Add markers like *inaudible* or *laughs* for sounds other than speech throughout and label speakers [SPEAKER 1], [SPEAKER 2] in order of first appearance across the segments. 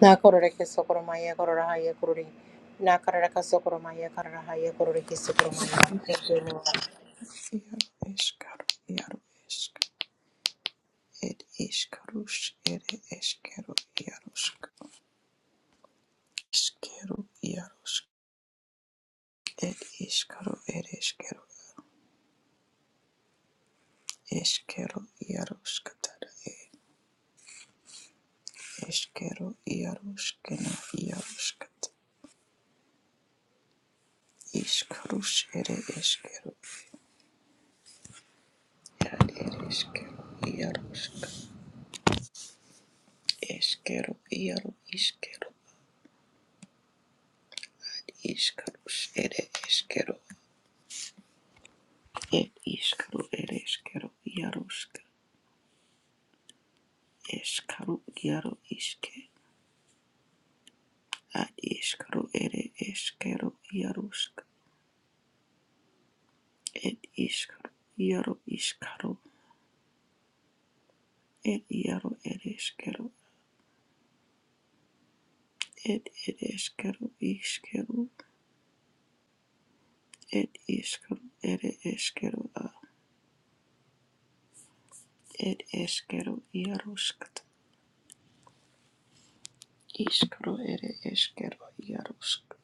[SPEAKER 1] Na korore ke sokoro maya korora haya korore. Na karara ka sokoro maya karara haya korore ke sokoro maya. Thank you, Lord.
[SPEAKER 2] Iaro eskaro, iaro esk, ed iskarus, ere eskero, iarosk, eskero, iarosk, ed iskaro, ere eskero, eskero, iaroskatara, ed eskero, iaroskena, iaroskat, iskarus, ere eskero, ed ere eskero, iarosk, eskero, iaro, iskero, iskarus, ere eskero, ed iskaro, ere eskero, iarosk, Eskaro iaro iske. Ad iskaro ere eskero yarusk. Ed iskaro iaro iskaro. Ed iaro ere eskero. Ed ere eskero iskero. Ed iskaro ere eskero a. Ed eskero yaruskt. Iskaro ere eskero yarusk.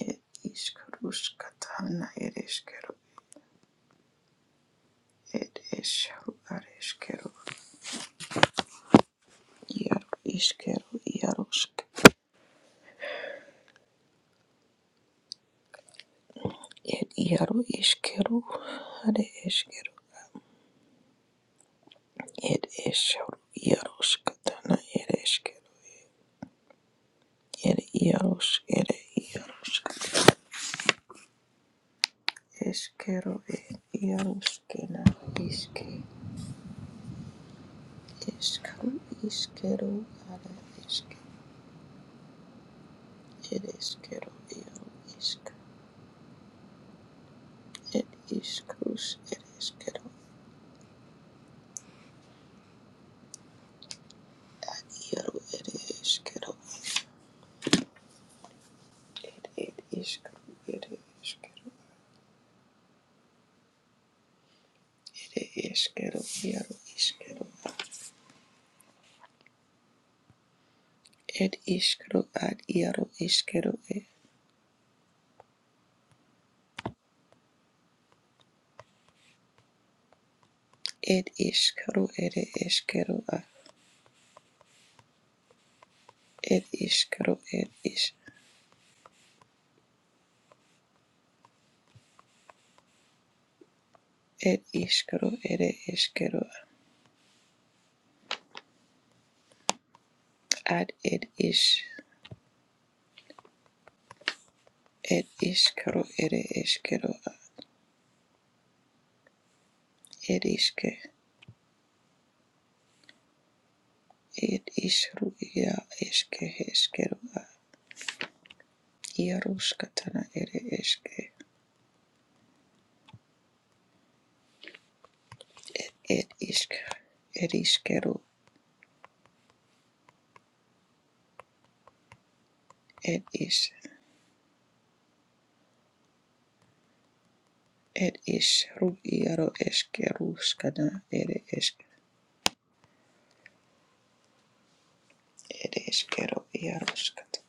[SPEAKER 2] Ed iskarusktana ere eskero. Ed eskaro are eskero. iaro iskero yarusk. Ed iaro iskeru, are eskeru. Ed eskeru, iaroskatana, ed eskeru. Ed iaros, ed iarosk. Eskeru, ed iaroskena, iske. Eskeru, iskeru, are eske. Ed eskeru, iaro, isk. Ed iskrus, ed eskeru. Iaro, ed eskeru. Ed, ed iskru, ed eskeru. Ed eskeru, iaro, iskeru. Ed iskero ad iaro iskero e. Ed iskero ere iskero a. Ed iskero ed is. Ed iskero ere iskero a. Ad ed is. Ed iskero ere iskero a. Ed iske. Ed isru ia iske iskero a. Iaro skatana ere iske. Ed isk. Ed iskero. Ed is. Ed isru iaro iskero skatana ere iske. ere eskero iaroskata.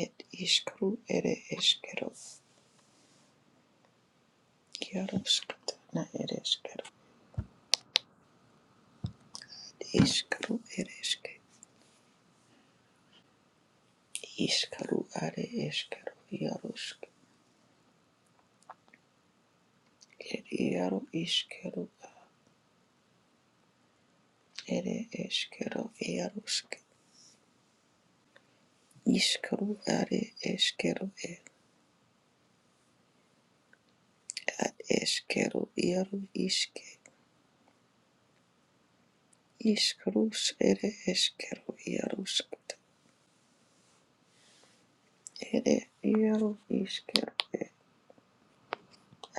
[SPEAKER 2] Et iskru ere eskero iaroskata na ere eskero. Iskru ere eske. Iskaru are eskero iarosk. Et iaro iskeru ere eskero iarosk. Iskaru are eskero et at eskero iaro iske. Iskrus ere eskero iaroskata. Ere iaro iskero et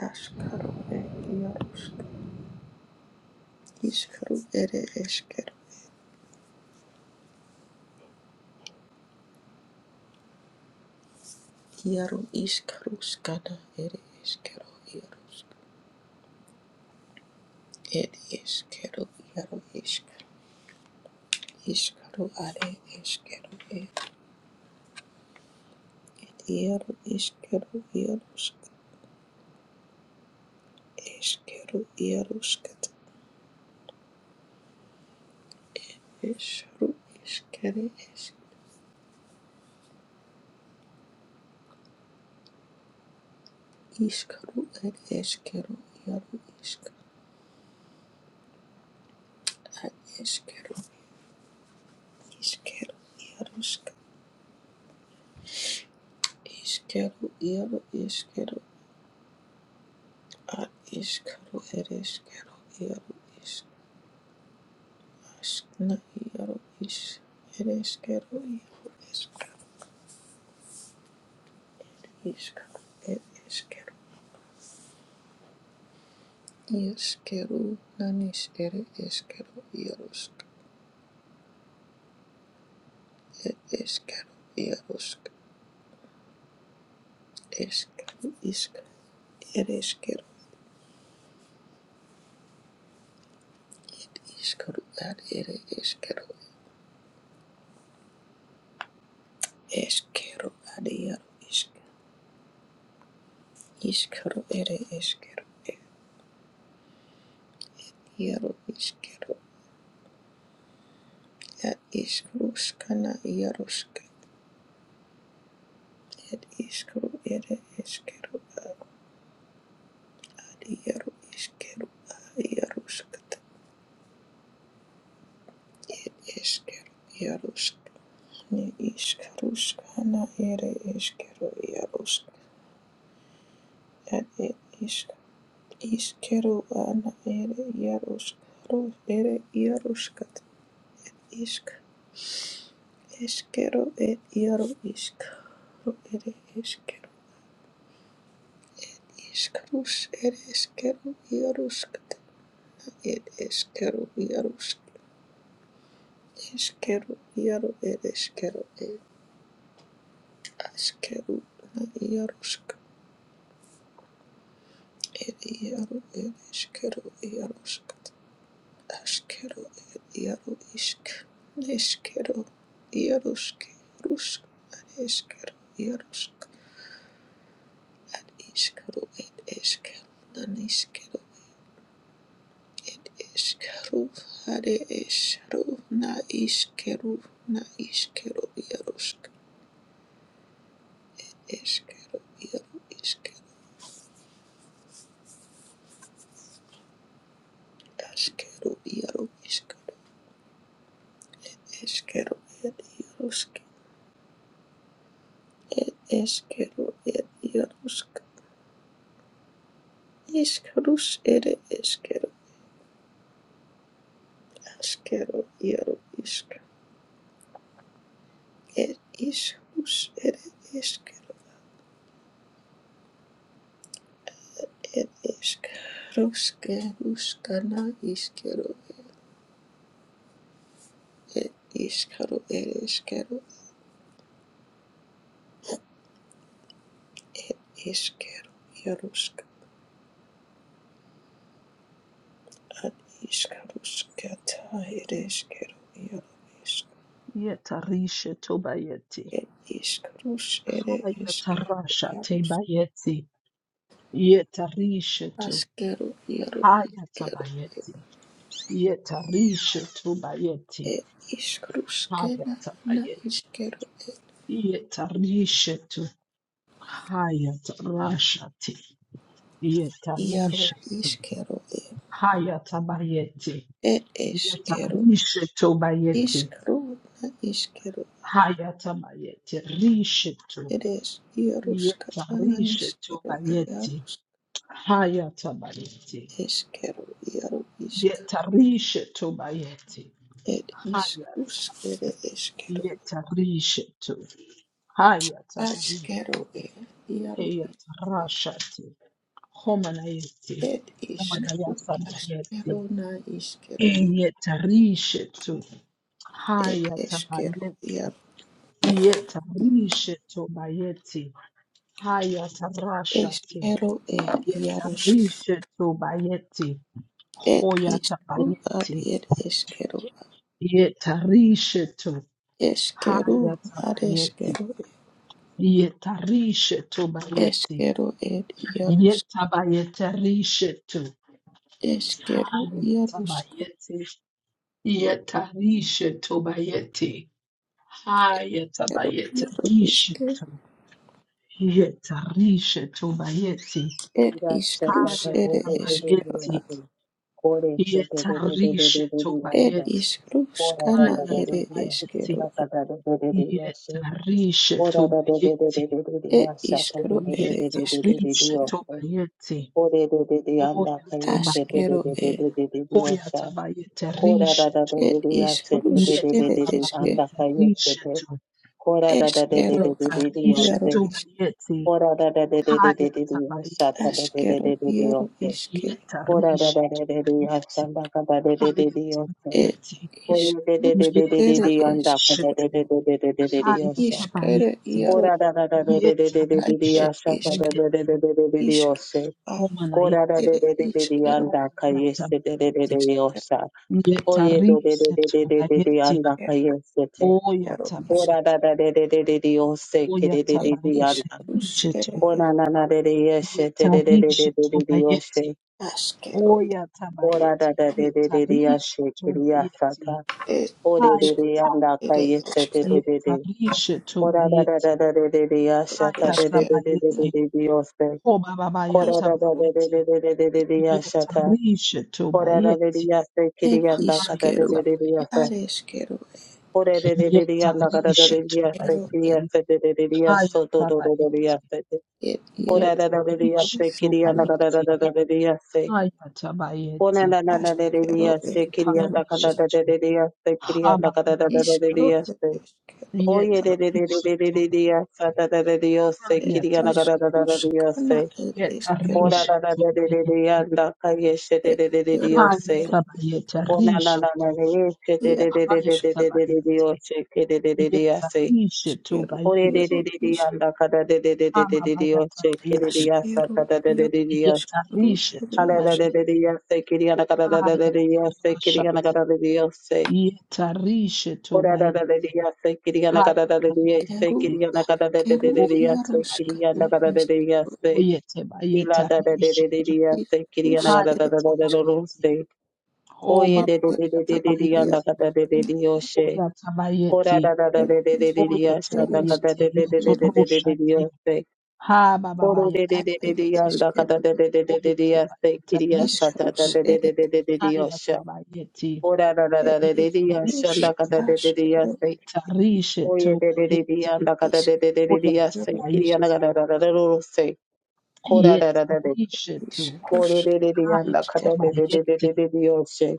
[SPEAKER 2] askaro et Iskru ere eskero. Iaro iskru skana ere eskero. Iaro ere eskero. Iaro iskru. Iskru are eskero. Iaro iskero. Iaro eskero. Iaro skat. Eskru eskere esk. Iskru ere eskero. Iaro iskru are eskero. Iskero. Iaro skat. Iskero. Iaro eskero. Ar iskaru ereskero iaru is askna iaru is ereskero iaru eskaru iskaru ereskero iskaru nanis ere eskero iarusk ereskero iarusk eskaru isk ereskero it iskaru ad ere eskero eskero ad iaru isk iskaru ere eskero iaru iskero Ed ishkarushkana yarushka. Ed ishkaru ere ishkaru ad yaru iskeru a yarushkata. Ishkaru yarushka. Ne ishkarushkana ere ishkaru yarushka. Ed ed iskeru Ishkaru ana ere yarushka. ro ere yarushkata. isk Ishkaru ed yaru ishka. Ru ere ishkaru. Ishkarush ere ishkaru yarushkata. It is kettle yaros. Is kettle yaro. It is kettle. It is kettle yaros. It yaro. It is kettle yaros. Is kettle yaro. Isk. Is kettle yaros. Rus. Is kettle yaros. At is kettle. It is kettle. Nan is kettle. it Is kettle. Had it is kettle. Na is kettle. Na is kettle yaros. Is kettle yaro. Ashkeru iaru ishkeru eshkeru ed iarusk ed eshkeru ed iarusk ishkerus ed eshkeru ashkeru iaru ishk ed ishrus ed eshkeru ed ishk ruskeruskana ishkeru ed ishkeru ed eshkeru ed eshkeru iarusk ad ishkeruskata ed eshkeru iaru
[SPEAKER 3] Yetarisha tobayeti.
[SPEAKER 2] ir iškarus ir iškeru
[SPEAKER 3] Hayatarasha
[SPEAKER 2] jarus
[SPEAKER 3] tebayeti. Yetarisha to.
[SPEAKER 2] askeru jaru iškeru
[SPEAKER 3] Hayatabayeti. Yetarisha tobayeti.
[SPEAKER 2] ir iškarus kena na
[SPEAKER 3] Hayatabayeti.
[SPEAKER 2] iškeru
[SPEAKER 3] Yetarisha to. Hayatarasha te.
[SPEAKER 2] jaru
[SPEAKER 3] Yetarisha to.
[SPEAKER 2] iškeru
[SPEAKER 3] Hayatabayeti.
[SPEAKER 2] ir iškeru
[SPEAKER 3] Yetarisha tobayeti.
[SPEAKER 2] iškaru na iškeru
[SPEAKER 3] Hayatabayeti. Risha to.
[SPEAKER 2] ir iš jarus katana
[SPEAKER 3] Yetarisha
[SPEAKER 2] iškeru
[SPEAKER 3] tobayeti.
[SPEAKER 2] jarus
[SPEAKER 3] Haya tabayeti.
[SPEAKER 2] iškeru jaru išk
[SPEAKER 3] Yetarishe tobayeti.
[SPEAKER 2] ir
[SPEAKER 3] Haya
[SPEAKER 2] iškarus ir iškeru
[SPEAKER 3] yetarishe to. Haya
[SPEAKER 2] askeru
[SPEAKER 3] tabayeti.
[SPEAKER 2] jaru
[SPEAKER 3] Heya tarashati. Homanayeti.
[SPEAKER 2] Ed iskaru
[SPEAKER 3] Homanayata
[SPEAKER 2] askero
[SPEAKER 3] bayeti.
[SPEAKER 2] na iskero
[SPEAKER 3] Yetarishe to.
[SPEAKER 2] ed
[SPEAKER 3] Haya
[SPEAKER 2] eskero
[SPEAKER 3] tabayeti.
[SPEAKER 2] iar
[SPEAKER 3] Yetarishe tobayeti. Haya tarashati.
[SPEAKER 2] eskero ed iaros
[SPEAKER 3] Yetarishe tobayeti.
[SPEAKER 2] ed
[SPEAKER 3] Hoya
[SPEAKER 2] iskaru ad
[SPEAKER 3] tabayeti.
[SPEAKER 2] ed eskero
[SPEAKER 3] Yetarishetu
[SPEAKER 2] eskero ad
[SPEAKER 3] hayatabayeti.
[SPEAKER 2] eskero
[SPEAKER 3] Yetarishetu bayeti.
[SPEAKER 2] eskero ed iaros
[SPEAKER 3] Yetabayetarishetu
[SPEAKER 2] eskero iaros
[SPEAKER 3] hayatabayeti. Yetarishetu bayeti.
[SPEAKER 2] eskero iaro iske
[SPEAKER 3] Hayatabayetarishetu. Yetarishetu bayeti.
[SPEAKER 4] Ora da da da da da da da da da da da da da da
[SPEAKER 2] ed iskrus ere eskero
[SPEAKER 3] Hayatabayeti.
[SPEAKER 2] ad
[SPEAKER 3] Yetarishetu
[SPEAKER 2] ed
[SPEAKER 3] bayeti.
[SPEAKER 2] iskrus kana ere
[SPEAKER 3] Hayatabayeti.
[SPEAKER 2] eskero ad
[SPEAKER 3] Yetarishetu bayeti.
[SPEAKER 2] ed iskro ere
[SPEAKER 3] Yetarisha
[SPEAKER 2] eskero
[SPEAKER 3] tobayete. Oya
[SPEAKER 2] askero
[SPEAKER 3] tabayete. Oya tabayete. Risha to.
[SPEAKER 2] It is Rush,
[SPEAKER 3] Yeta
[SPEAKER 2] it is que,
[SPEAKER 3] babayete. Risha to.
[SPEAKER 2] esquero,
[SPEAKER 3] Yeta
[SPEAKER 2] a
[SPEAKER 3] risha
[SPEAKER 2] Iaro is
[SPEAKER 3] tobayete. Haya
[SPEAKER 4] da
[SPEAKER 3] tabayete.
[SPEAKER 4] da
[SPEAKER 2] Askero,
[SPEAKER 4] da da
[SPEAKER 2] Iaro
[SPEAKER 4] da.
[SPEAKER 2] iske.
[SPEAKER 3] Yeta
[SPEAKER 4] Ora da
[SPEAKER 3] risha
[SPEAKER 4] da da da da
[SPEAKER 3] tobayete.
[SPEAKER 4] yasanda ka da da da da
[SPEAKER 3] Haya
[SPEAKER 4] da yasa.
[SPEAKER 2] It
[SPEAKER 3] tabayete.
[SPEAKER 2] is
[SPEAKER 4] Ora da da
[SPEAKER 2] Rush,
[SPEAKER 4] da da da
[SPEAKER 3] Yeta
[SPEAKER 2] it
[SPEAKER 4] da
[SPEAKER 2] is
[SPEAKER 4] da yanda ka
[SPEAKER 3] risha
[SPEAKER 4] da da
[SPEAKER 3] to.
[SPEAKER 4] da da da da da da da
[SPEAKER 3] Haya
[SPEAKER 4] yasa.
[SPEAKER 2] Iskero,
[SPEAKER 3] tabayete.
[SPEAKER 2] Iaro,
[SPEAKER 4] Ora da da da da da da
[SPEAKER 3] Yeta
[SPEAKER 4] da da da da
[SPEAKER 3] risha
[SPEAKER 2] it
[SPEAKER 4] ka
[SPEAKER 2] is
[SPEAKER 4] da da da da
[SPEAKER 3] tobayete.
[SPEAKER 4] da da da da
[SPEAKER 2] Iske,
[SPEAKER 4] yasa. Ora da da
[SPEAKER 3] Homanayete.
[SPEAKER 2] it
[SPEAKER 4] da da
[SPEAKER 2] is
[SPEAKER 4] da da
[SPEAKER 2] Iskero,
[SPEAKER 4] yanda ka
[SPEAKER 3] Homanayata.
[SPEAKER 4] yesa da da da da
[SPEAKER 2] Iskero,
[SPEAKER 4] yasa. Oye da da da
[SPEAKER 3] Yetarisha
[SPEAKER 4] da da da da da
[SPEAKER 3] tabayeti.
[SPEAKER 4] yanda ka yesa te.
[SPEAKER 3] Oya
[SPEAKER 2] Iaro is
[SPEAKER 4] Ora da
[SPEAKER 3] tabayeti.
[SPEAKER 4] da da da da da da yasa ke
[SPEAKER 3] Oya
[SPEAKER 4] da da
[SPEAKER 2] It
[SPEAKER 4] da da
[SPEAKER 2] is
[SPEAKER 3] tabayeti.
[SPEAKER 4] yanda.
[SPEAKER 2] Rush,
[SPEAKER 3] Risha
[SPEAKER 2] it
[SPEAKER 3] tu.
[SPEAKER 2] is
[SPEAKER 4] Ora na na da da yesa te da da da da
[SPEAKER 3] Yetarisha
[SPEAKER 4] da da da
[SPEAKER 3] tabayeti.
[SPEAKER 2] Askero,
[SPEAKER 3] Oya
[SPEAKER 4] Ora
[SPEAKER 3] tabayeti.
[SPEAKER 4] da da de de de de
[SPEAKER 3] Yetarisha
[SPEAKER 4] ashe kriya
[SPEAKER 3] tabayeti.
[SPEAKER 4] sata.
[SPEAKER 2] it
[SPEAKER 4] Ore
[SPEAKER 2] is
[SPEAKER 4] de de
[SPEAKER 3] Hayata.
[SPEAKER 4] anda
[SPEAKER 2] It is
[SPEAKER 4] kaye sete
[SPEAKER 2] Eskero,
[SPEAKER 4] de de de.
[SPEAKER 3] Yetarisha
[SPEAKER 4] Ora da da da
[SPEAKER 3] tabayeti.
[SPEAKER 4] da de de de
[SPEAKER 2] it
[SPEAKER 4] ashata
[SPEAKER 2] is
[SPEAKER 4] de
[SPEAKER 3] Hayata
[SPEAKER 4] de de de de
[SPEAKER 2] Iaro
[SPEAKER 4] de
[SPEAKER 3] bayeti.
[SPEAKER 4] de de ose.
[SPEAKER 3] Hobababaya
[SPEAKER 2] is
[SPEAKER 4] Kora da da da de de
[SPEAKER 3] tabayeti.
[SPEAKER 4] de de de de de ashata.
[SPEAKER 3] Yetarisha
[SPEAKER 4] Ora da de
[SPEAKER 3] tabayeti.
[SPEAKER 4] de ase kriya anda kada de de
[SPEAKER 3] Hayata
[SPEAKER 4] de de
[SPEAKER 2] It
[SPEAKER 4] ase.
[SPEAKER 3] bayeti.
[SPEAKER 2] is Kero,
[SPEAKER 4] Ore de de de de anda kada de
[SPEAKER 3] Yetarisha
[SPEAKER 4] de de ase
[SPEAKER 2] Eskero ed
[SPEAKER 4] kriya
[SPEAKER 3] tabayeti.
[SPEAKER 4] se de de de de aso do
[SPEAKER 3] Hayata
[SPEAKER 4] do do do de
[SPEAKER 3] bayeti.
[SPEAKER 4] ase.
[SPEAKER 2] ed
[SPEAKER 4] Ora
[SPEAKER 2] iaro
[SPEAKER 4] da da de de ase
[SPEAKER 3] Yetarishetu
[SPEAKER 4] kriya
[SPEAKER 2] ruskana
[SPEAKER 4] anda kada da
[SPEAKER 3] bayeti,
[SPEAKER 4] da da
[SPEAKER 2] ed
[SPEAKER 4] de de ase.
[SPEAKER 3] hayata bayeti,
[SPEAKER 4] Konana na na na de de de
[SPEAKER 2] askero ed
[SPEAKER 4] yaste kiriya
[SPEAKER 2] iaro
[SPEAKER 4] na kada
[SPEAKER 2] is
[SPEAKER 4] da
[SPEAKER 3] yetarishetu,
[SPEAKER 4] de de de yaste kiriya na kada da da
[SPEAKER 3] hababayata
[SPEAKER 4] da de de
[SPEAKER 2] iskero
[SPEAKER 3] bayeti,
[SPEAKER 2] ed
[SPEAKER 4] yaste.
[SPEAKER 2] eskero
[SPEAKER 4] Oye de
[SPEAKER 2] iaro
[SPEAKER 4] de de de de de
[SPEAKER 3] yetarishetu
[SPEAKER 4] de de yasta da
[SPEAKER 3] bayeti,
[SPEAKER 4] da de de yaste
[SPEAKER 2] ed
[SPEAKER 4] kiriya
[SPEAKER 3] hayata
[SPEAKER 4] na
[SPEAKER 2] is
[SPEAKER 4] kada da da da
[SPEAKER 3] bayeti,
[SPEAKER 4] de
[SPEAKER 2] ruskana
[SPEAKER 4] yaste.
[SPEAKER 2] ed eskero
[SPEAKER 4] Kora na na
[SPEAKER 3] yetarishetu
[SPEAKER 4] de de de de
[SPEAKER 3] bayeti,
[SPEAKER 4] yanda kayeshe de
[SPEAKER 2] ed
[SPEAKER 4] de de de de
[SPEAKER 2] eskero iaro
[SPEAKER 4] yaste.
[SPEAKER 3] hayata
[SPEAKER 2] is
[SPEAKER 3] bayeta
[SPEAKER 4] Konana na na
[SPEAKER 3] rishetu,
[SPEAKER 4] na de yeshe de
[SPEAKER 2] iaro
[SPEAKER 4] de de de de de
[SPEAKER 3] hayata
[SPEAKER 4] de de
[SPEAKER 2] iskero
[SPEAKER 4] de de
[SPEAKER 3] bayeti,
[SPEAKER 4] yaste ke de de de de yaste.
[SPEAKER 3] yetarishetu
[SPEAKER 2] askero
[SPEAKER 4] Oye de
[SPEAKER 2] iaro
[SPEAKER 3] bayeti,
[SPEAKER 4] de de de
[SPEAKER 2] is
[SPEAKER 4] yanda kada de de de de de de de
[SPEAKER 3] hababayata
[SPEAKER 4] yaste ke de de
[SPEAKER 3] bayeti,
[SPEAKER 4] yasta
[SPEAKER 2] askero
[SPEAKER 4] kada de de
[SPEAKER 2] iaro
[SPEAKER 4] de de
[SPEAKER 2] iskero ed
[SPEAKER 4] Ora
[SPEAKER 3] yetarishetu
[SPEAKER 2] eskero
[SPEAKER 3] bayeti, hayata rashati. Yetarishe tobayeti. Haya tabayeti.
[SPEAKER 2] askero
[SPEAKER 3] Oya
[SPEAKER 2] iaro ruskana
[SPEAKER 3] tabayeti.
[SPEAKER 2] iskero
[SPEAKER 3] Oye tabayetarishe to.
[SPEAKER 2] is rus
[SPEAKER 3] Haya
[SPEAKER 2] ed
[SPEAKER 3] tabayeti. O baba baya
[SPEAKER 2] eskero
[SPEAKER 3] tabayeti.
[SPEAKER 2] iaro
[SPEAKER 3] Oya tabayeti.
[SPEAKER 2] Ed iskaru
[SPEAKER 3] Oye
[SPEAKER 2] ere
[SPEAKER 3] tabayeti.
[SPEAKER 2] eskero
[SPEAKER 3] Yetoroshati. Ha baba baya
[SPEAKER 2] ad ere
[SPEAKER 3] tabayeti.
[SPEAKER 2] eskero
[SPEAKER 3] Oye tabayetarishe
[SPEAKER 2] iskarus
[SPEAKER 3] to.
[SPEAKER 2] ere eskero
[SPEAKER 3] Haya tabayeti.
[SPEAKER 4] Ora ra ra
[SPEAKER 2] ed
[SPEAKER 4] ra ra re re ya
[SPEAKER 2] iskarus
[SPEAKER 3] Yetarishe
[SPEAKER 4] shanda
[SPEAKER 3] to.
[SPEAKER 4] kata re re re ya
[SPEAKER 2] askero
[SPEAKER 4] se.
[SPEAKER 3] Yetarishe
[SPEAKER 4] Oye re re re re
[SPEAKER 3] tobayeti.
[SPEAKER 4] ya anda kata re re re re
[SPEAKER 2] iskarus
[SPEAKER 4] re ya se.
[SPEAKER 2] ere
[SPEAKER 4] Kiri anda
[SPEAKER 2] eskero
[SPEAKER 3] Oyatabayeti,
[SPEAKER 4] kata ra ra ra ro ro se. Kora ra ra ra re.
[SPEAKER 3] Yetanishetu,
[SPEAKER 2] iskarus
[SPEAKER 4] Kore re re re ya anda kata
[SPEAKER 2] ere
[SPEAKER 4] re re re
[SPEAKER 2] eskero
[SPEAKER 4] re re
[SPEAKER 3] Hayatabayeti,
[SPEAKER 4] re re yo se.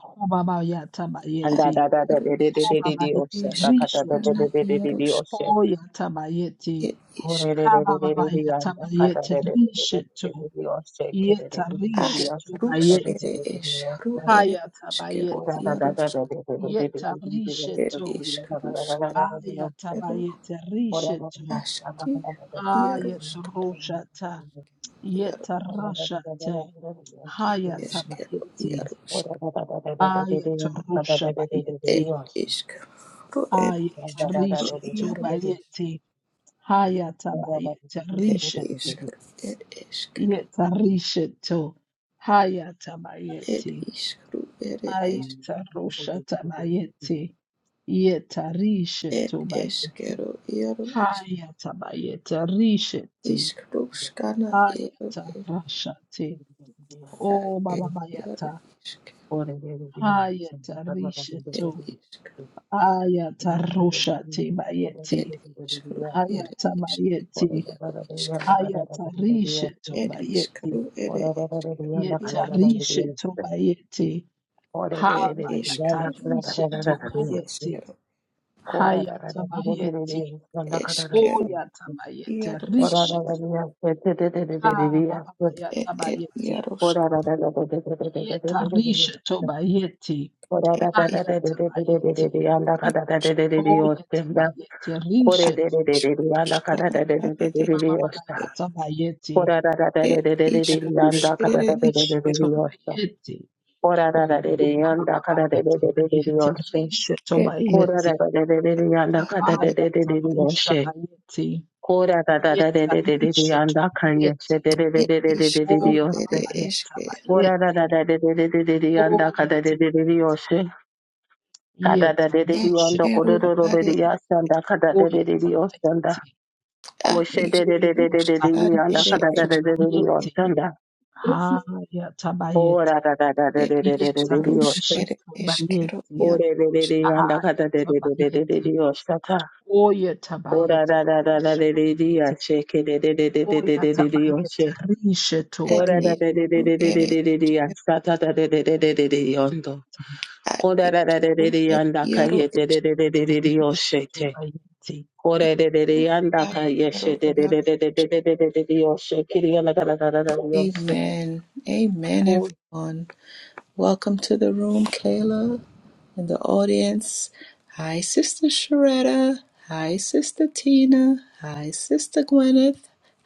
[SPEAKER 2] ad
[SPEAKER 4] Anda
[SPEAKER 3] Hobababatabayeti,
[SPEAKER 4] da da da
[SPEAKER 2] iaru
[SPEAKER 4] re re re
[SPEAKER 2] isk
[SPEAKER 4] re re re
[SPEAKER 3] Hobababati
[SPEAKER 4] yo se. Anda kata re re
[SPEAKER 3] Rishetu,
[SPEAKER 2] iskerana
[SPEAKER 4] re re re re re
[SPEAKER 2] iarus
[SPEAKER 4] yo se.
[SPEAKER 3] Hoyatabayeti,
[SPEAKER 2] ed isk
[SPEAKER 4] Kore re re re re re re ya anda kata
[SPEAKER 3] Habababatabayeti
[SPEAKER 4] re re re re re re
[SPEAKER 3] Rishetu,
[SPEAKER 4] re re yo se. Kere re re re re re ya
[SPEAKER 3] Yetarishetu
[SPEAKER 4] se.
[SPEAKER 2] askarus
[SPEAKER 4] Kere re re re
[SPEAKER 2] ere
[SPEAKER 3] Bayeti,
[SPEAKER 4] re re yo
[SPEAKER 2] eskaru
[SPEAKER 4] se.
[SPEAKER 2] ere eskero
[SPEAKER 4] Ora ra
[SPEAKER 3] Hayatabayeti,
[SPEAKER 4] ra
[SPEAKER 2] iarus
[SPEAKER 4] ra re re re re re re re re yo
[SPEAKER 2] ed
[SPEAKER 4] se.
[SPEAKER 3] Yetarishetu,
[SPEAKER 4] Kiri anda ra
[SPEAKER 2] iskarus
[SPEAKER 4] ra ra ra ra re yo se.
[SPEAKER 2] askero
[SPEAKER 3] Ayatabayeti Rishetu,
[SPEAKER 2] aski iarus
[SPEAKER 3] Ayataroshata,
[SPEAKER 2] iarus
[SPEAKER 3] Yetarashata.
[SPEAKER 2] eskero
[SPEAKER 3] Hayatabayeti.
[SPEAKER 2] iarus
[SPEAKER 3] Ayatarushabayeti.
[SPEAKER 2] It is caro, it is caro,
[SPEAKER 3] Ayatarishe
[SPEAKER 2] iaro is,
[SPEAKER 3] tobayeti. Hayatabayeti.
[SPEAKER 2] it
[SPEAKER 3] Rishe to.
[SPEAKER 2] is caro, it is caro,
[SPEAKER 3] Yetarishe to.
[SPEAKER 2] it
[SPEAKER 3] Hayatabayeti.
[SPEAKER 2] is caro, it is,
[SPEAKER 3] Ayatarushabayeti. Yetarishe
[SPEAKER 2] it is
[SPEAKER 3] tobayeti.
[SPEAKER 2] caro, iaro is,
[SPEAKER 3] Hayatabayeti. Rishe ti.
[SPEAKER 2] is caro, scana, iaro is,
[SPEAKER 3] Ayatarashati.
[SPEAKER 2] at,
[SPEAKER 3] Oh,
[SPEAKER 2] it,
[SPEAKER 3] Baba
[SPEAKER 2] iaro
[SPEAKER 3] Bayata.
[SPEAKER 2] is, it
[SPEAKER 3] Hayatarishe
[SPEAKER 2] is,
[SPEAKER 3] Hayata rushati bayeti.
[SPEAKER 2] it is caro, it
[SPEAKER 3] Hayata
[SPEAKER 2] is,
[SPEAKER 3] bayeti.
[SPEAKER 2] iaro is,
[SPEAKER 3] Hayata
[SPEAKER 4] Yes.
[SPEAKER 3] rishetu
[SPEAKER 2] it is
[SPEAKER 3] bayeti.
[SPEAKER 2] caro, it is, iaro, it is caro, it
[SPEAKER 4] Ora da da da da da
[SPEAKER 3] Yeta
[SPEAKER 4] kala da da da
[SPEAKER 3] rishetu
[SPEAKER 4] da.
[SPEAKER 3] bayeti.
[SPEAKER 4] Ore da da da da da
[SPEAKER 3] Habayata
[SPEAKER 4] da kala da
[SPEAKER 3] rishetu
[SPEAKER 4] da da da da.
[SPEAKER 2] is
[SPEAKER 3] bayeti.
[SPEAKER 2] caro,
[SPEAKER 4] Kora da da
[SPEAKER 3] Hayata
[SPEAKER 4] da da da da
[SPEAKER 3] bayeti.
[SPEAKER 4] da da
[SPEAKER 2] es
[SPEAKER 4] kala da da
[SPEAKER 2] caro,
[SPEAKER 3] Oyata
[SPEAKER 4] da.
[SPEAKER 3] bayeti.
[SPEAKER 2] iaro, is.
[SPEAKER 4] Ora da da
[SPEAKER 3] Rishetu.
[SPEAKER 4] da da da da da da da da.
[SPEAKER 2] it,
[SPEAKER 3] Habayata
[SPEAKER 2] it,
[SPEAKER 3] bayeti.
[SPEAKER 2] iaro,
[SPEAKER 4] Ora da da da da da da da da
[SPEAKER 3] Yeta
[SPEAKER 4] da da
[SPEAKER 3] rishetu
[SPEAKER 4] da.
[SPEAKER 3] bayeti.
[SPEAKER 4] Ora da da
[SPEAKER 2] is.
[SPEAKER 4] da da da da
[SPEAKER 3] Hayata
[SPEAKER 4] da
[SPEAKER 3] bayeti.
[SPEAKER 4] da da da da kala da da
[SPEAKER 2] Yaroshka
[SPEAKER 4] da da da
[SPEAKER 3] Oyata
[SPEAKER 4] da.
[SPEAKER 3] bayeti.
[SPEAKER 4] Kore da da
[SPEAKER 3] Rishetu.
[SPEAKER 4] da da da da kala
[SPEAKER 2] Ishkashkana
[SPEAKER 4] da da da
[SPEAKER 2] are
[SPEAKER 4] da da da da
[SPEAKER 2] Eshke
[SPEAKER 3] Mama
[SPEAKER 4] da.
[SPEAKER 3] yata bayeti.
[SPEAKER 4] Ora da da da da
[SPEAKER 2] et
[SPEAKER 4] da da da da da
[SPEAKER 2] Ishkush
[SPEAKER 4] da kala da
[SPEAKER 2] ere
[SPEAKER 4] da da
[SPEAKER 3] Rishe
[SPEAKER 4] da da
[SPEAKER 2] Eshkero
[SPEAKER 4] da da.
[SPEAKER 3] tobayeti.
[SPEAKER 4] Ora ra ra
[SPEAKER 3] Oh,
[SPEAKER 4] re re yanda kada re re
[SPEAKER 3] babayeti.
[SPEAKER 4] re re re re
[SPEAKER 3] Bayeti.
[SPEAKER 4] yoshe.
[SPEAKER 3] Rishe
[SPEAKER 2] et Ishka
[SPEAKER 4] Kora ra
[SPEAKER 3] tobayeti.
[SPEAKER 4] ra re re re re yanda kada re
[SPEAKER 2] ere
[SPEAKER 4] re re
[SPEAKER 3] Ayata
[SPEAKER 4] re re
[SPEAKER 3] rusha
[SPEAKER 4] yoshe.
[SPEAKER 3] bayeti.
[SPEAKER 4] Kora ra ra ra re
[SPEAKER 3] Yeta
[SPEAKER 4] re re re re
[SPEAKER 3] rishe
[SPEAKER 4] yanda kanyeshe
[SPEAKER 3] tobayeti.
[SPEAKER 4] re re re
[SPEAKER 2] et
[SPEAKER 4] re re re re re re
[SPEAKER 3] Oh,
[SPEAKER 2] Ishkru
[SPEAKER 4] yoshe.
[SPEAKER 2] ere
[SPEAKER 3] babayata
[SPEAKER 2] Eshke
[SPEAKER 4] Kora ra
[SPEAKER 3] bayeti.
[SPEAKER 4] ra ra re re re re re re yanda
[SPEAKER 3] Oh,
[SPEAKER 4] kada re
[SPEAKER 3] yeta
[SPEAKER 4] re re re
[SPEAKER 3] bayeti.
[SPEAKER 4] yoshe. Kada da
[SPEAKER 3] Yeta
[SPEAKER 4] re re re
[SPEAKER 3] rishe
[SPEAKER 4] yanda kore
[SPEAKER 2] Eshkero
[SPEAKER 4] ro ro re
[SPEAKER 2] are
[SPEAKER 4] re
[SPEAKER 3] tobayeti.
[SPEAKER 4] yasanda kada
[SPEAKER 3] Oh,
[SPEAKER 4] re re re re
[SPEAKER 3] yeta
[SPEAKER 4] yoshanda.
[SPEAKER 3] bayeti.
[SPEAKER 2] at
[SPEAKER 4] Koshe re re re re re
[SPEAKER 2] Ishkush
[SPEAKER 4] re
[SPEAKER 3] Yeta
[SPEAKER 4] re re
[SPEAKER 2] ar
[SPEAKER 4] yanda
[SPEAKER 2] ere
[SPEAKER 3] rishe
[SPEAKER 4] kada da re re re re
[SPEAKER 3] tobayeti.
[SPEAKER 2] Eshkero
[SPEAKER 4] yoshanda.
[SPEAKER 3] Ayata bayeti.
[SPEAKER 4] Ora ra ra ra re
[SPEAKER 2] et
[SPEAKER 4] re re re re
[SPEAKER 3] Yeta
[SPEAKER 4] re re
[SPEAKER 2] Ishkrush
[SPEAKER 4] yoshe.
[SPEAKER 3] rishe
[SPEAKER 2] ere Eshkero
[SPEAKER 4] おれれれれやんだかだれれれれれれれよしたた。おららららられれりやしけれれれれれれれれれよし。おらられれれれれれれれれやしたただれれれれれれよんど。おららられれれやんだかえれれれれれれれよして。おれれれれやんだかえしてれれれれれれれれれよし。きりやなかだだだだよし。
[SPEAKER 3] tobayeti.
[SPEAKER 2] Yarosh
[SPEAKER 3] Aya tabayeti, oya tabayeti, rusha bayeti, oya tabayeti, rishe
[SPEAKER 2] et
[SPEAKER 3] tobayeti,
[SPEAKER 2] Ishkru ere Eshkero at Ishkru ere Yaro
[SPEAKER 3] tabayeti, rishe tobayeti,
[SPEAKER 2] Ishkush
[SPEAKER 3] aya
[SPEAKER 2] Ashkero Yaro
[SPEAKER 3] tabayeti,
[SPEAKER 2] Amen. Amen everyone. Welcome to the room, Kayla, and the audience. Hi, Sister Sharetta. Hi, Sister Tina. Hi, Sister Gwyneth.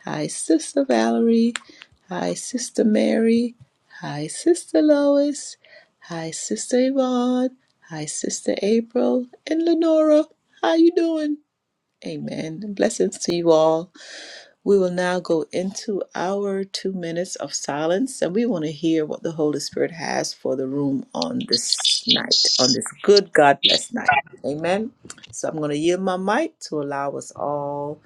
[SPEAKER 2] Hi, Sister Valerie. Hi, Sister Mary. Hi, Sister Lois. Hi, Sister Yvonne. Hi, Sister April and Lenora. How you doing? Amen. Blessings to you all. We will now go into our two minutes of silence and we want to hear what the Holy Spirit has for the room on this night, on this good God bless night. Amen. So I'm going to yield my mic to allow us all.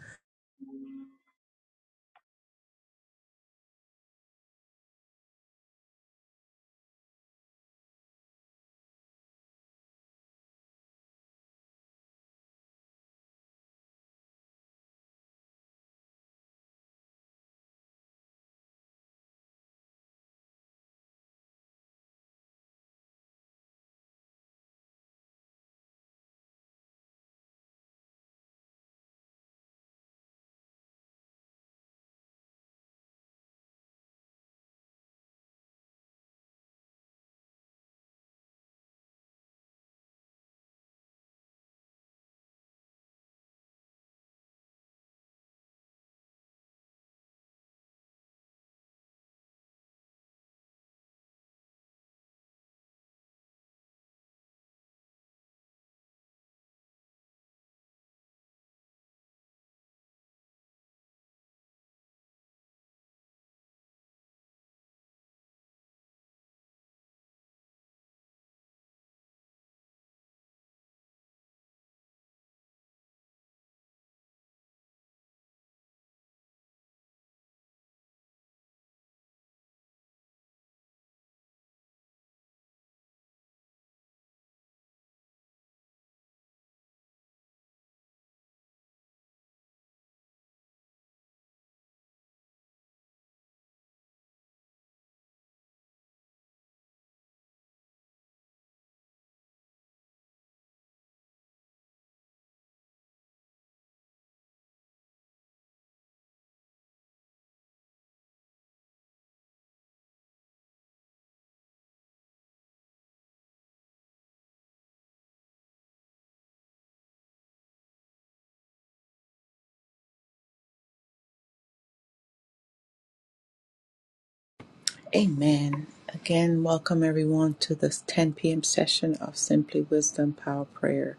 [SPEAKER 2] Amen. Again, welcome everyone to this 10 p.m. session of Simply Wisdom Power Prayer.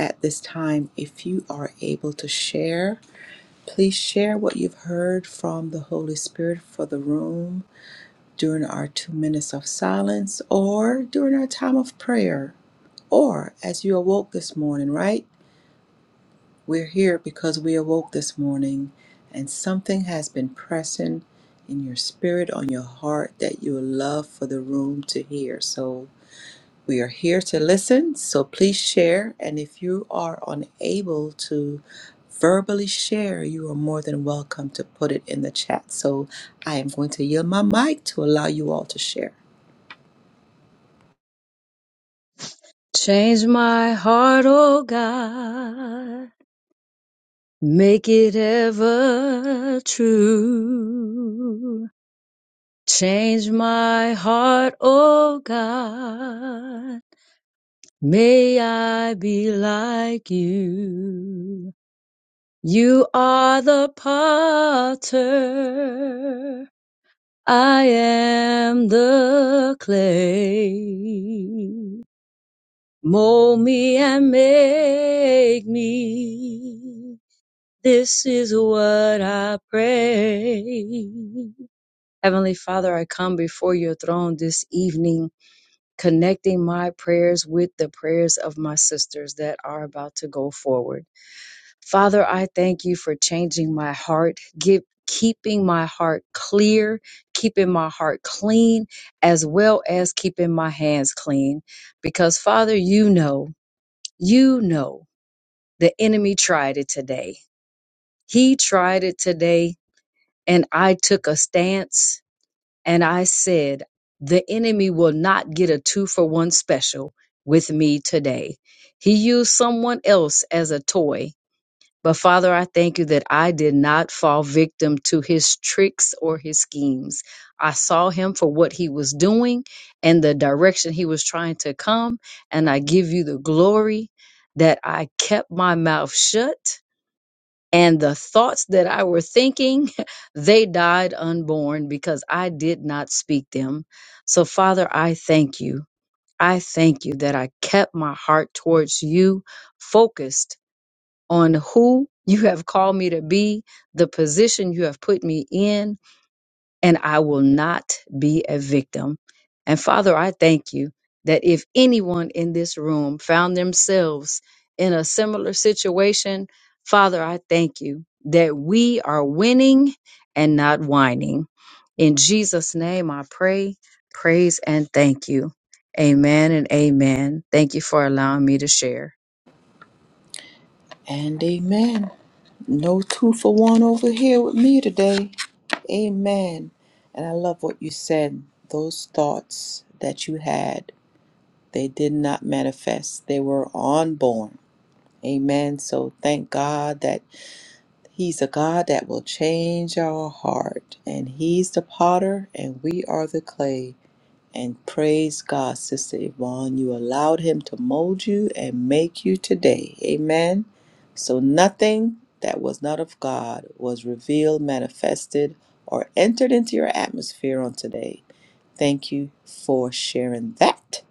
[SPEAKER 2] At this time, if you are able to share, please share what you've heard from the Holy Spirit for the room during our two minutes of silence or during our time of prayer or as you awoke this morning, right? We're here because we awoke this morning and something has been pressing in your spirit, on your heart that you would love for the room to hear. So we are here to listen. So please share. And if you are unable to verbally share, you are more than welcome to put it in the chat. So I am going to yield my mic to allow you all to share.
[SPEAKER 5] Change my heart, oh God. Make it ever true. Change my heart, oh God. May I be like you. You are the potter. I am the clay. Mold me and make me This is what I pray. Heavenly Father, I come before your throne this evening, connecting my prayers with the prayers of my sisters that are about to go forward. Father, I thank you for changing my heart, give, keeping my heart clear, keeping my heart clean, as well as keeping my hands clean. Because, Father, you know, you know, the enemy tried it today. He tried it today and I took a stance and I said, the enemy will not get a two for one special with me today. He used someone else as a toy. But Father, I thank you that I did not fall victim to his tricks or his schemes. I saw him for what he was doing and the direction he was trying to come. And I give you the glory that I kept my mouth shut and the thoughts that I were thinking, *laughs* they died unborn because I did not speak them. So, Father, I thank you. I thank you that I kept my heart towards you, focused on who you have called me to be, the position you have put me in, and I will not be a victim. And Father, I thank you that if anyone in this room found themselves in a similar situation, Father, I thank you that we are winning and not whining. In Jesus' name, I pray, praise, and thank you. Amen and amen. Thank you for allowing me to share.
[SPEAKER 2] And amen. No two for one over here with me today. Amen. And I love what you said. Those thoughts that you had, they did not manifest, they were unborn. Amen. So thank God that He's a God that will change our heart. And He's the potter, and we are the clay. And praise God, Sister Yvonne, you allowed him to mold you and make you today. Amen. So nothing that was not of God was revealed, manifested, or entered into your atmosphere on today. Thank you for sharing that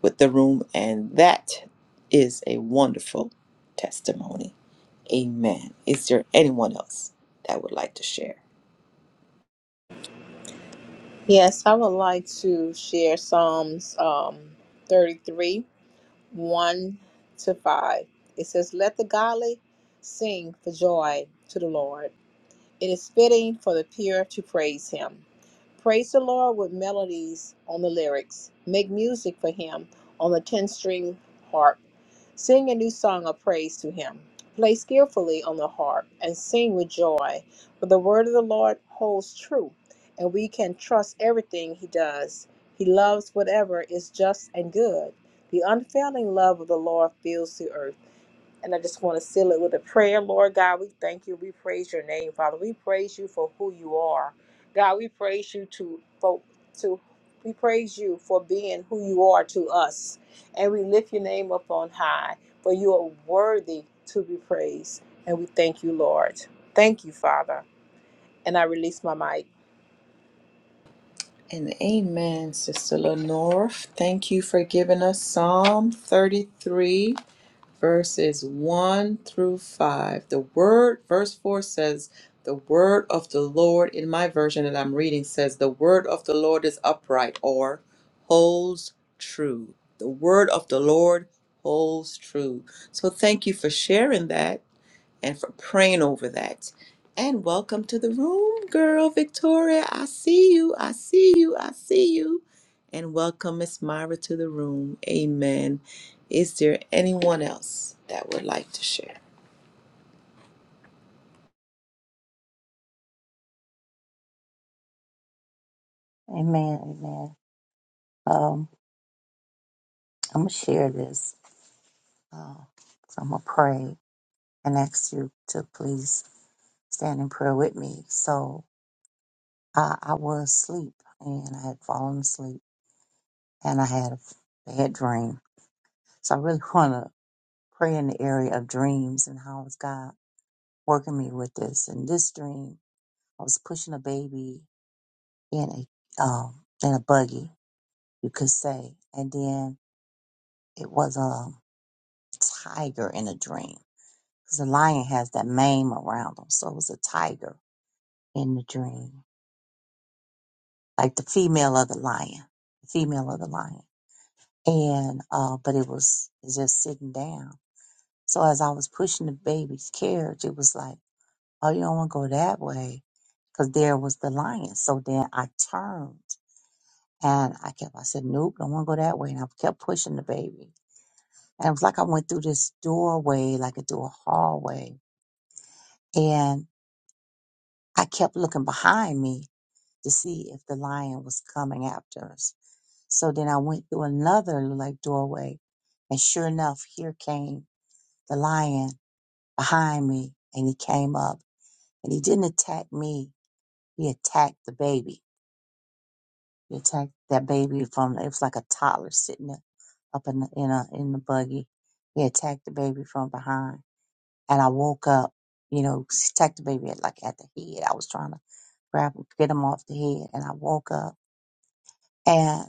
[SPEAKER 2] with the room. And that is a wonderful testimony. Amen. Is there anyone else that would like to share?
[SPEAKER 1] Yes, I would like to share Psalms um, 33, 1 to 5. It says, Let the godly sing for joy to the Lord. It is fitting for the pure to praise him. Praise the Lord with melodies on the lyrics. Make music for him on the ten string harp. Sing a new song of praise to him. Play skillfully on the harp and sing with joy, for the word of the Lord holds true, and we can trust everything he does. He loves whatever is just and good. The unfailing love of the Lord fills the earth. And I just want to seal it with a prayer. Lord God, we thank you. We praise your name, Father. We praise you for who you are. God, we praise you to for to we praise you for being who you are to us. And we lift your name up on high, for you are worthy to be praised. And we thank you, Lord. Thank you, Father. And I release my mic.
[SPEAKER 2] And amen, Sister Lenore. Thank you for giving us Psalm 33, verses 1 through 5. The word, verse 4 says, The word of the Lord, in my version that I'm reading, says, The word of the Lord is upright or holds true. The word of the Lord holds true. So thank you for sharing that and for praying over that. And welcome to the room, girl Victoria. I see you. I see you. I see you. And welcome, Miss Myra, to the room. Amen. Is there anyone else that would like to share?
[SPEAKER 6] Amen. Amen. Um, I'm gonna share this. Uh, so I'm gonna pray and ask you to please stand in prayer with me. So I, I was asleep and I had fallen asleep and I had a bad dream. So I really *laughs* wanna pray in the area of dreams and how is God working me with this. In this dream, I was pushing a baby in a um in a buggy, you could say, and then it was a tiger in a dream Because the lion has that mane around him. So it was a tiger in the dream, like the female of the lion, the female of the lion. And, uh, but it was just sitting down. So as I was pushing the baby's carriage, it was like, oh, you don't want to go that way. Because there was the lion. So then I turned and I kept, I said, nope, don't want to go that way. And I kept pushing the baby. And it was like I went through this doorway, like a door hallway. And I kept looking behind me to see if the lion was coming after us. So then I went through another like doorway, and sure enough, here came the lion behind me, and he came up, and he didn't attack me. He attacked the baby. He attacked that baby from it was like a toddler sitting up up in the, in a in the buggy. He attacked the baby from behind, and I woke up. You know, he attacked the baby at, like at the head. I was trying to grab him, get him off the head, and I woke up. and.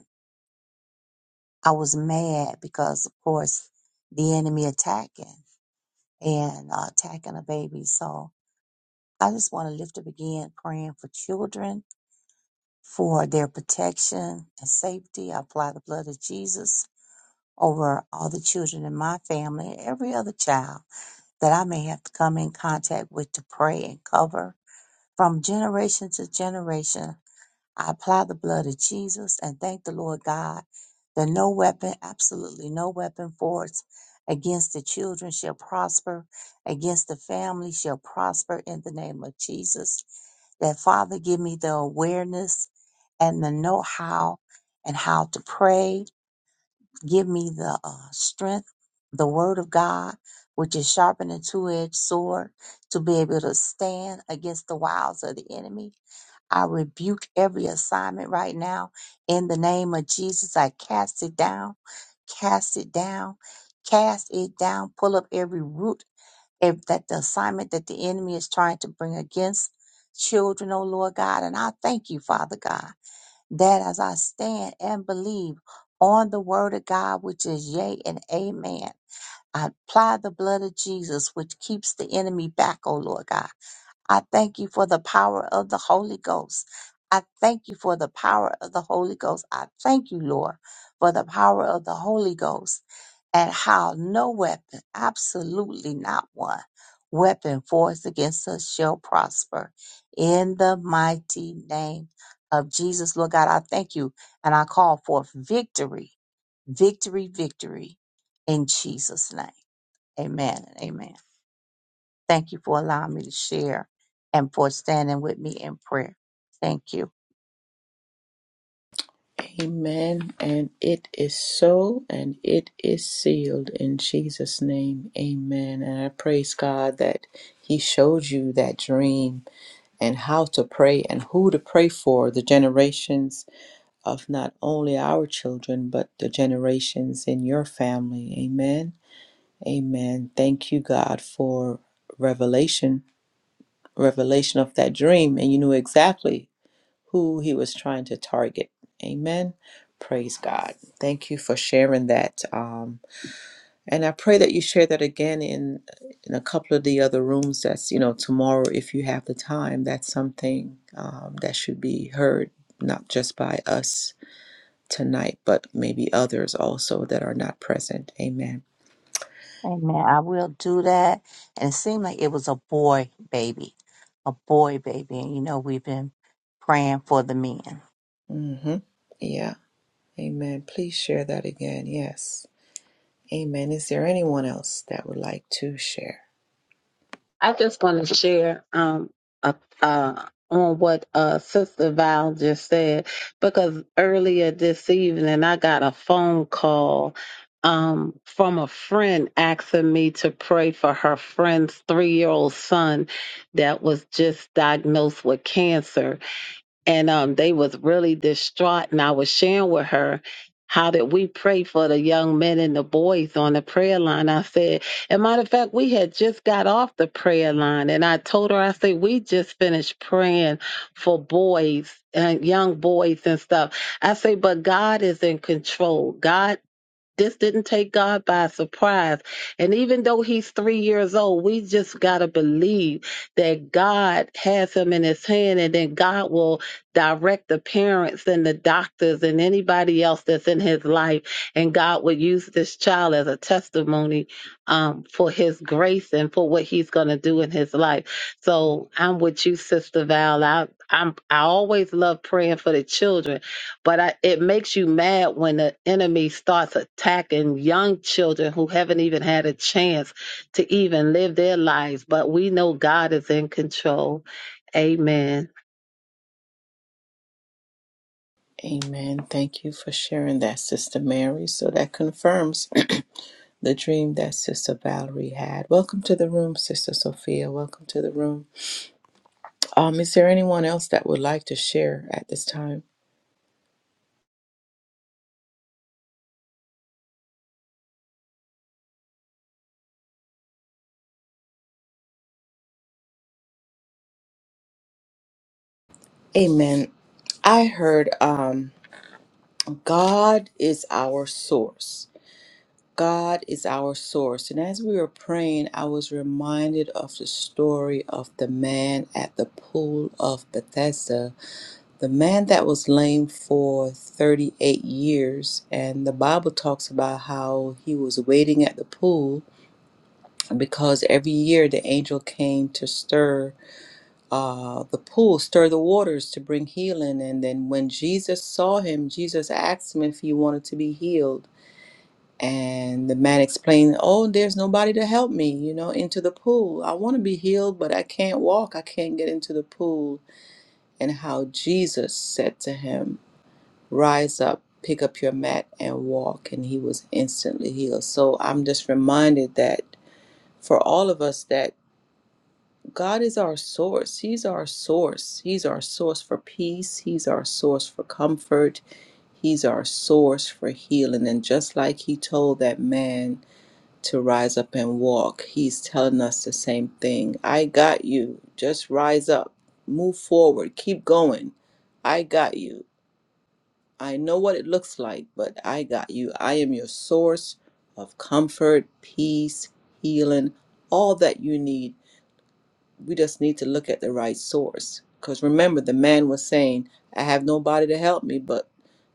[SPEAKER 6] I was mad because, of course, the enemy attacking and uh, attacking a baby. So I just want to lift up again, praying for children, for their protection and safety. I apply the blood of Jesus over all the children in my family and every other child that I may have to come in contact with to pray and cover from generation to generation I apply the blood of Jesus and thank the Lord God that no weapon, absolutely no weapon forged against the children shall prosper, against the family shall prosper in the name of Jesus. That Father, give me the awareness and the know how and how to pray Give me the uh, strength, the word of God, which is sharper than a two edged sword, to be able to stand against the wiles of the enemy. I rebuke every assignment right now in the name of Jesus. I cast it down, cast it down, cast it down. Pull up every root if that the assignment that the enemy is trying to bring against children, oh Lord God. And I thank you, Father God that as I stand and believe on the word of God, which is yea and amen. I apply the blood of Jesus, which keeps the enemy back, O Lord God. I thank you for the power of the Holy Ghost. I thank you for the power of the Holy Ghost. I thank you, Lord, for the power of the Holy Ghost at how no weapon, absolutely not one, weapon forged against us shall prosper. In the mighty name of Jesus, Lord God, I thank you and I call forth victory, victory, victory in Jesus' name. Amen and amen. Thank you for allowing me to share and for standing with me in prayer. Thank you.
[SPEAKER 2] Amen. And it is so, and it is sealed in Jesus' name. Amen. And I praise God that He showed you that dream and how to pray and who to pray for the generations of not only our children, but the generations in your family. Amen. Amen. Thank you, God, for revelation, revelation of that dream. And you knew exactly who he was trying to target. Amen. Praise God. Thank you for sharing that. Um, and I pray that you share that again in in a couple of the other rooms. That's you know tomorrow if you have the time. That's something um, that should be heard, not just by us tonight, but maybe others also that are not present. Amen.
[SPEAKER 6] Amen. I will do that. And it seemed like it was a boy baby, a boy baby. And you know, we've been praying for the men.
[SPEAKER 2] hmm Yeah. Amen. Please share that again. Yes. Amen. Is there anyone else that would like to share?
[SPEAKER 4] I just want to share um uh, uh, on what uh Sister Val just said because earlier this evening I got a phone call um from a friend asking me to pray for her friend's three year old son that was just diagnosed with cancer and um, they was really distraught. And I was sharing with her how did we pray for the young men and the boys on the prayer line. I said, and matter of fact, we had just got off the prayer line, and I told her, I said, we just finished praying for boys and young boys and stuff. I say, but God is in control. God this didn't take God by surprise. And even though he's three years old, we just got to believe that God has him in his hand and then God will direct the parents and the doctors and anybody else that's in his life. And God will use this child as a testimony um, for his grace and for what he's going to do in his life. So I'm with you, Sister Val. I, I'm, I always love praying for the children but I, it makes you mad when the enemy starts attacking young children who haven't even had a chance to even live their lives. But we know God is in control. Amen.
[SPEAKER 2] Amen. Thank you for sharing that, Sister Mary. So that confirms the dream that Sister Valerie had. Welcome to the room, Sister Sophia. Welcome to the room. Um, is there anyone else that would like to share at this time? Amen. I heard um, God is our source. God is our source. And as we were praying, I was reminded of the story of the man at the pool of Bethesda, the man that was lame for 38 years. And the Bible talks about how he was waiting at the pool because every year the angel came to stir uh, the pool, stir the waters to bring healing. And then when Jesus saw him, Jesus asked him if he wanted to be healed. And the man explained, Oh, there's nobody to help me, you know, into the pool. I want to be healed, but I can't walk. I can't get into the pool. And how Jesus said to him, Rise up, pick up your mat, and walk. And he was instantly healed. So I'm just reminded that for all of us, that God is our source. He's our source. He's our source for peace. He's our source for comfort. He's our source for healing. And just like he told that man, to rise up and walk. He's telling us the same thing. I got you. Just rise up, move forward, keep going. I got you. I know what it looks like, but I got you. I am your source of comfort, peace, healing, all that you need. We just need to look at the right source. Because remember, the man was saying, I have nobody to help me, but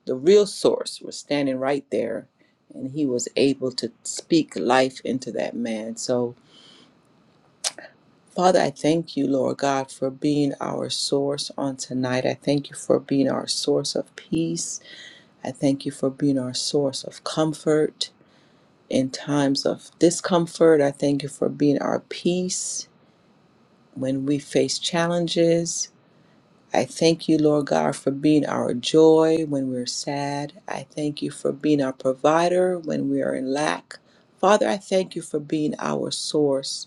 [SPEAKER 2] the real source was standing right there. And he was able to speak life into that man. So, Father, I thank you, Lord God, for being our source on tonight. I thank you for being our source of peace. I thank you for being our source of comfort in times of discomfort. I thank you for being our peace when we face challenges. I thank you, Lord God, for being our joy when we're sad. I thank you for being our provider when we are in lack. Father, I thank you for being our source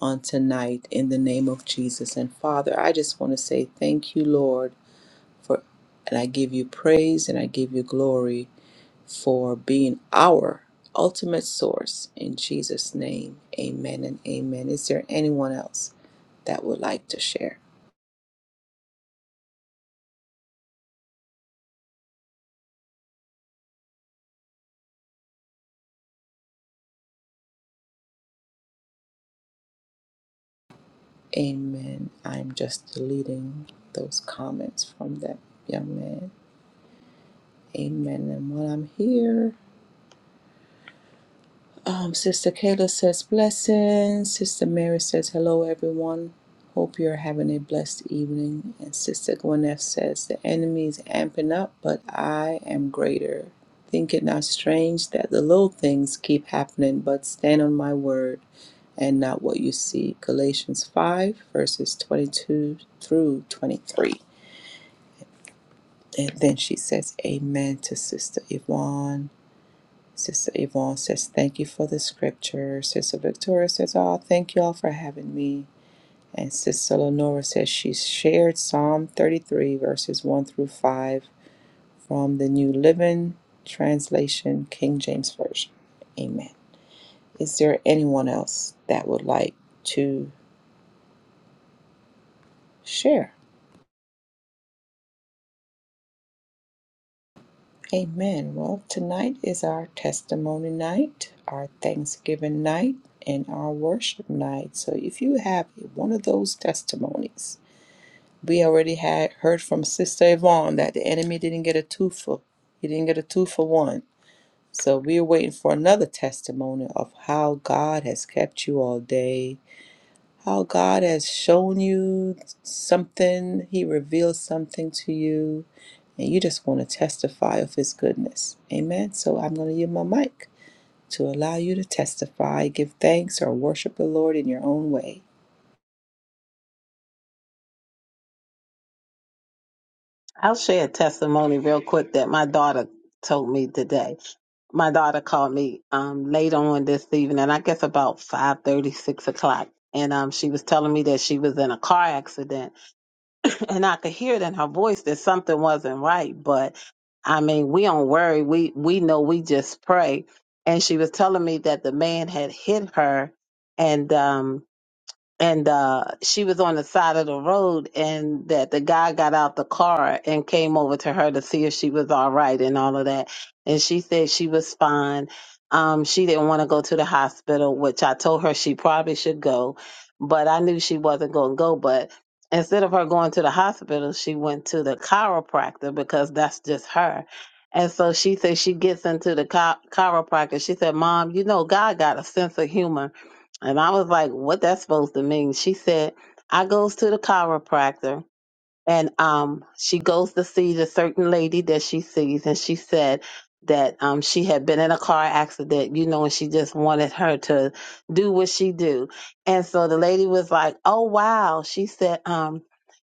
[SPEAKER 2] on tonight in the name of Jesus. And Father, I just want to say thank you, Lord, for, and I give you praise and I give you glory for being our ultimate source in Jesus' name. Amen and amen. Is there anyone else that would like to share? Amen. I'm just deleting those comments from that young man. Amen. And while I'm here, Um, Sister Kayla says blessings. Sister Mary says hello, everyone. Hope you're having a blessed evening. And Sister Gwyneth says the enemy is amping up, but I am greater. Think it not strange that the little things keep happening, but stand on my word and not what you see. Galatians 5, verses 22 through 23. And then she says amen to Sister Yvonne. Sister Yvonne says, Thank you for the scripture. Sister Victoria says, Oh, thank you all for having me. And Sister Lenora says, She shared Psalm 33, verses 1 through 5 from the New Living Translation, King James Version. Amen. Is there anyone else that would like to share? Amen. Well, tonight is our testimony night, our Thanksgiving night, and our worship night. So if you have one of those testimonies, We already had heard from Sister Yvonne that the enemy didn't get a two for he didn't get a two for one. So we're waiting for another testimony of how God has kept you all day, how God has shown you something, He revealed something to you, and you just want to testify of His goodness. Amen. So I'm going to use my mic to allow you to testify, give thanks, or worship the Lord in your own way.
[SPEAKER 4] I'll share a testimony real quick that my daughter told me today. My daughter called me um, late on this evening, and I guess about five thirty, six o'clock. And um, she was telling me that she was in a car accident *laughs* and I could hear it in her voice that something wasn't right. But I mean, we don't worry. We we know we just pray. And she was telling me that the man had hit her, and um, and uh, she was on the side of the road and that the guy got out the car and came over to her to see if she was all right and all of that and she said she was fine um, she didn't want to go to the hospital which i told her she probably should go but i knew she wasn't going to go but instead of her going to the hospital she went to the chiropractor because that's just her and so she said she gets into the chi- chiropractor she said mom you know god got a sense of humor and I was like, what that's supposed to mean? She said, I goes to the chiropractor and um, she goes to see the certain lady that she sees, and she said that um, she had been in a car accident, you know, and she just wanted her to do what she do. And so the lady was like, "Oh wow," she said, um,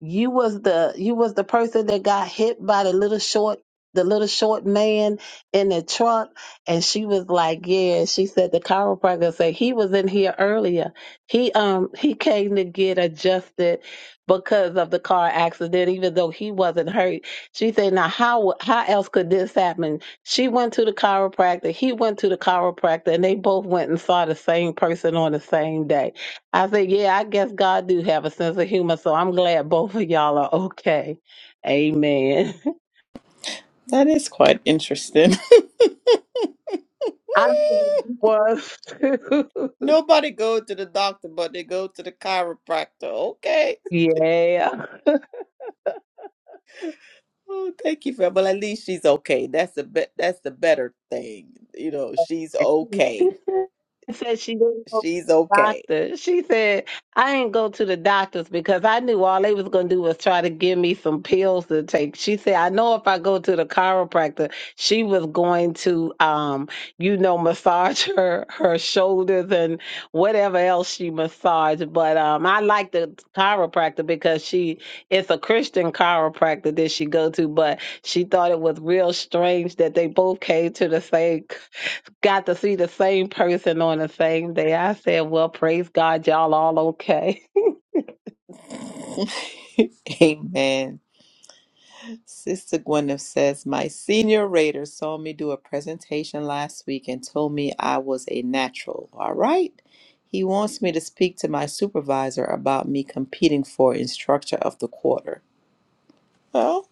[SPEAKER 4] "You was the you was the person that got hit by the little short." The little short man in the truck, and she was like, "Yeah." She said the chiropractor said he was in here earlier. He um he came to get adjusted because of the car accident, even though he wasn't hurt. She said, "Now how how else could this happen?" She went to the chiropractor. He went to the chiropractor, and they both went and saw the same person on the same day. I said, "Yeah, I guess God do have a sense of humor, so I'm glad both of y'all are okay." Amen. *laughs*
[SPEAKER 2] That is quite interesting.
[SPEAKER 4] I
[SPEAKER 2] *laughs*
[SPEAKER 4] was *laughs* too.
[SPEAKER 2] Nobody go to the doctor, but they go to the chiropractor. Okay.
[SPEAKER 4] yeah.
[SPEAKER 2] Oh, thank you for. Well, at least she's okay. That's the be- That's the better thing. You know, she's
[SPEAKER 4] *laughs* She
[SPEAKER 2] okay.
[SPEAKER 4] said she said she didn't go to
[SPEAKER 2] She's
[SPEAKER 4] the
[SPEAKER 2] okay.
[SPEAKER 4] doctor. She said, I didn't go to the doctors because I knew all they was going to do was try to give me some pills to take. She said, I know if I go to the chiropractor, she was going to, um, you know, massage *laughs* her, her shoulders and whatever else she massaged. But um, I like the chiropractor because she, it's a Christian chiropractor that she go to, but she thought it was real strange that they both came to the same got to see the same person on the same day. I said, Well, praise God, y'all all okay.
[SPEAKER 2] *laughs* Amen. Sister Gwyneth says, My senior rater saw me do a presentation last week and told me I was a natural. All right. He wants me to speak to my supervisor about me competing for instructor of the quarter. Well,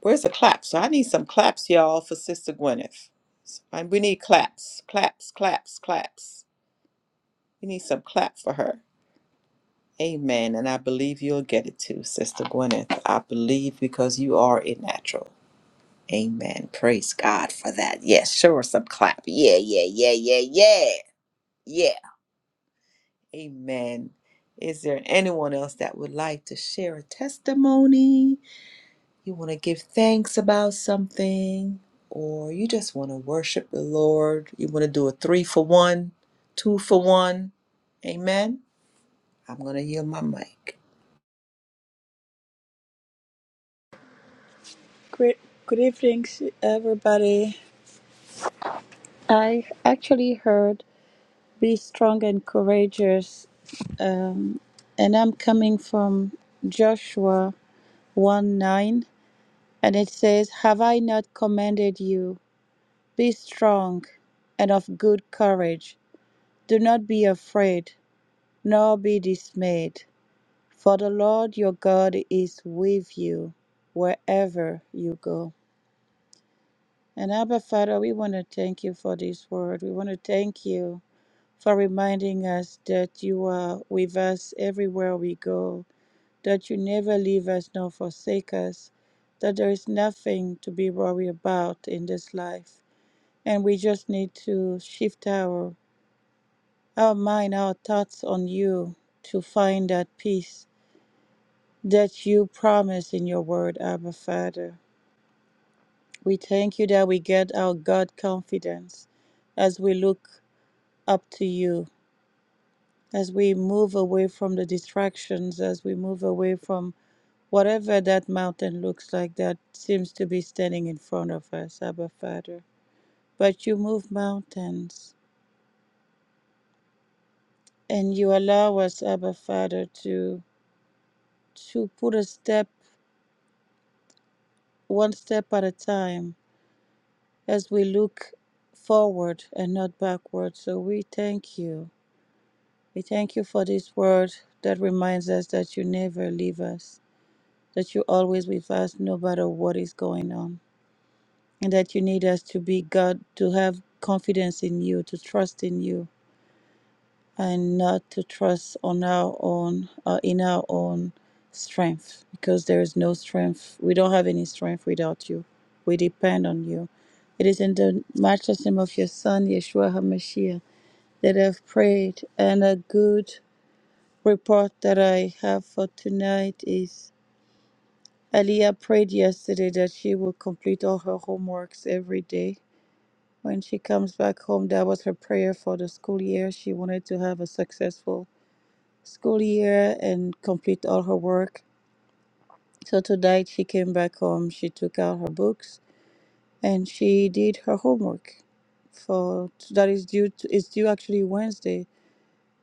[SPEAKER 2] Where's the claps? So I need some claps, y'all, for Sister Gwyneth. And we need claps, claps, claps, claps. We need some clap for her. Amen. And I believe you'll get it too, Sister Gwyneth. I believe because you are a natural. Amen. Praise God for that. Yes, sure, some clap. Yeah, yeah, yeah, yeah, yeah. Yeah. Amen. Is there anyone else that would like to share a testimony? you want to give thanks about something, or you just want to worship the Lord, you want to do a three for one, two for one. Amen. I'm going to yield my mic.
[SPEAKER 7] Good, good evening, everybody. I actually heard be strong and courageous, um, and I'm coming from Joshua 1 9, and it says, Have I not commanded you? Be strong and of good courage. Do not be afraid, nor be dismayed, for the Lord your God is with you wherever you go. And Abba Father, we want to thank you for this word. We want to thank you for reminding us that you are with us everywhere we go, that you never leave us nor forsake us, that there is nothing to be worried about in this life. And we just need to shift our, our mind, our thoughts on you to find that peace that you promise in your word, Abba Father. We thank you that we get our God confidence as we look up to you as we move away from the distractions, as we move away from whatever that mountain looks like that seems to be standing in front of us, Abba Father. But you move mountains and you allow us, Abba Father, to to put a step one step at a time as we look forward and not backward. So we thank you. We thank you for this word that reminds us that you never leave us that you always with us no matter what is going on, and that you need us to be God, to have confidence in you, to trust in you, and not to trust on our own, uh, in our own strength, because there is no strength. We don't have any strength without you. We depend on you. It is in the matchless name of your Son, Yeshua HaMashiach, that I've prayed, and a good report that I have for tonight is. Aliyah prayed yesterday that she would complete all her homeworks every day. When she comes back home, that was her prayer for the school year. She wanted to have a successful school year and complete all her work. So tonight she came back home, she took out her books and she did her homework. For that is due to, it's due actually Wednesday,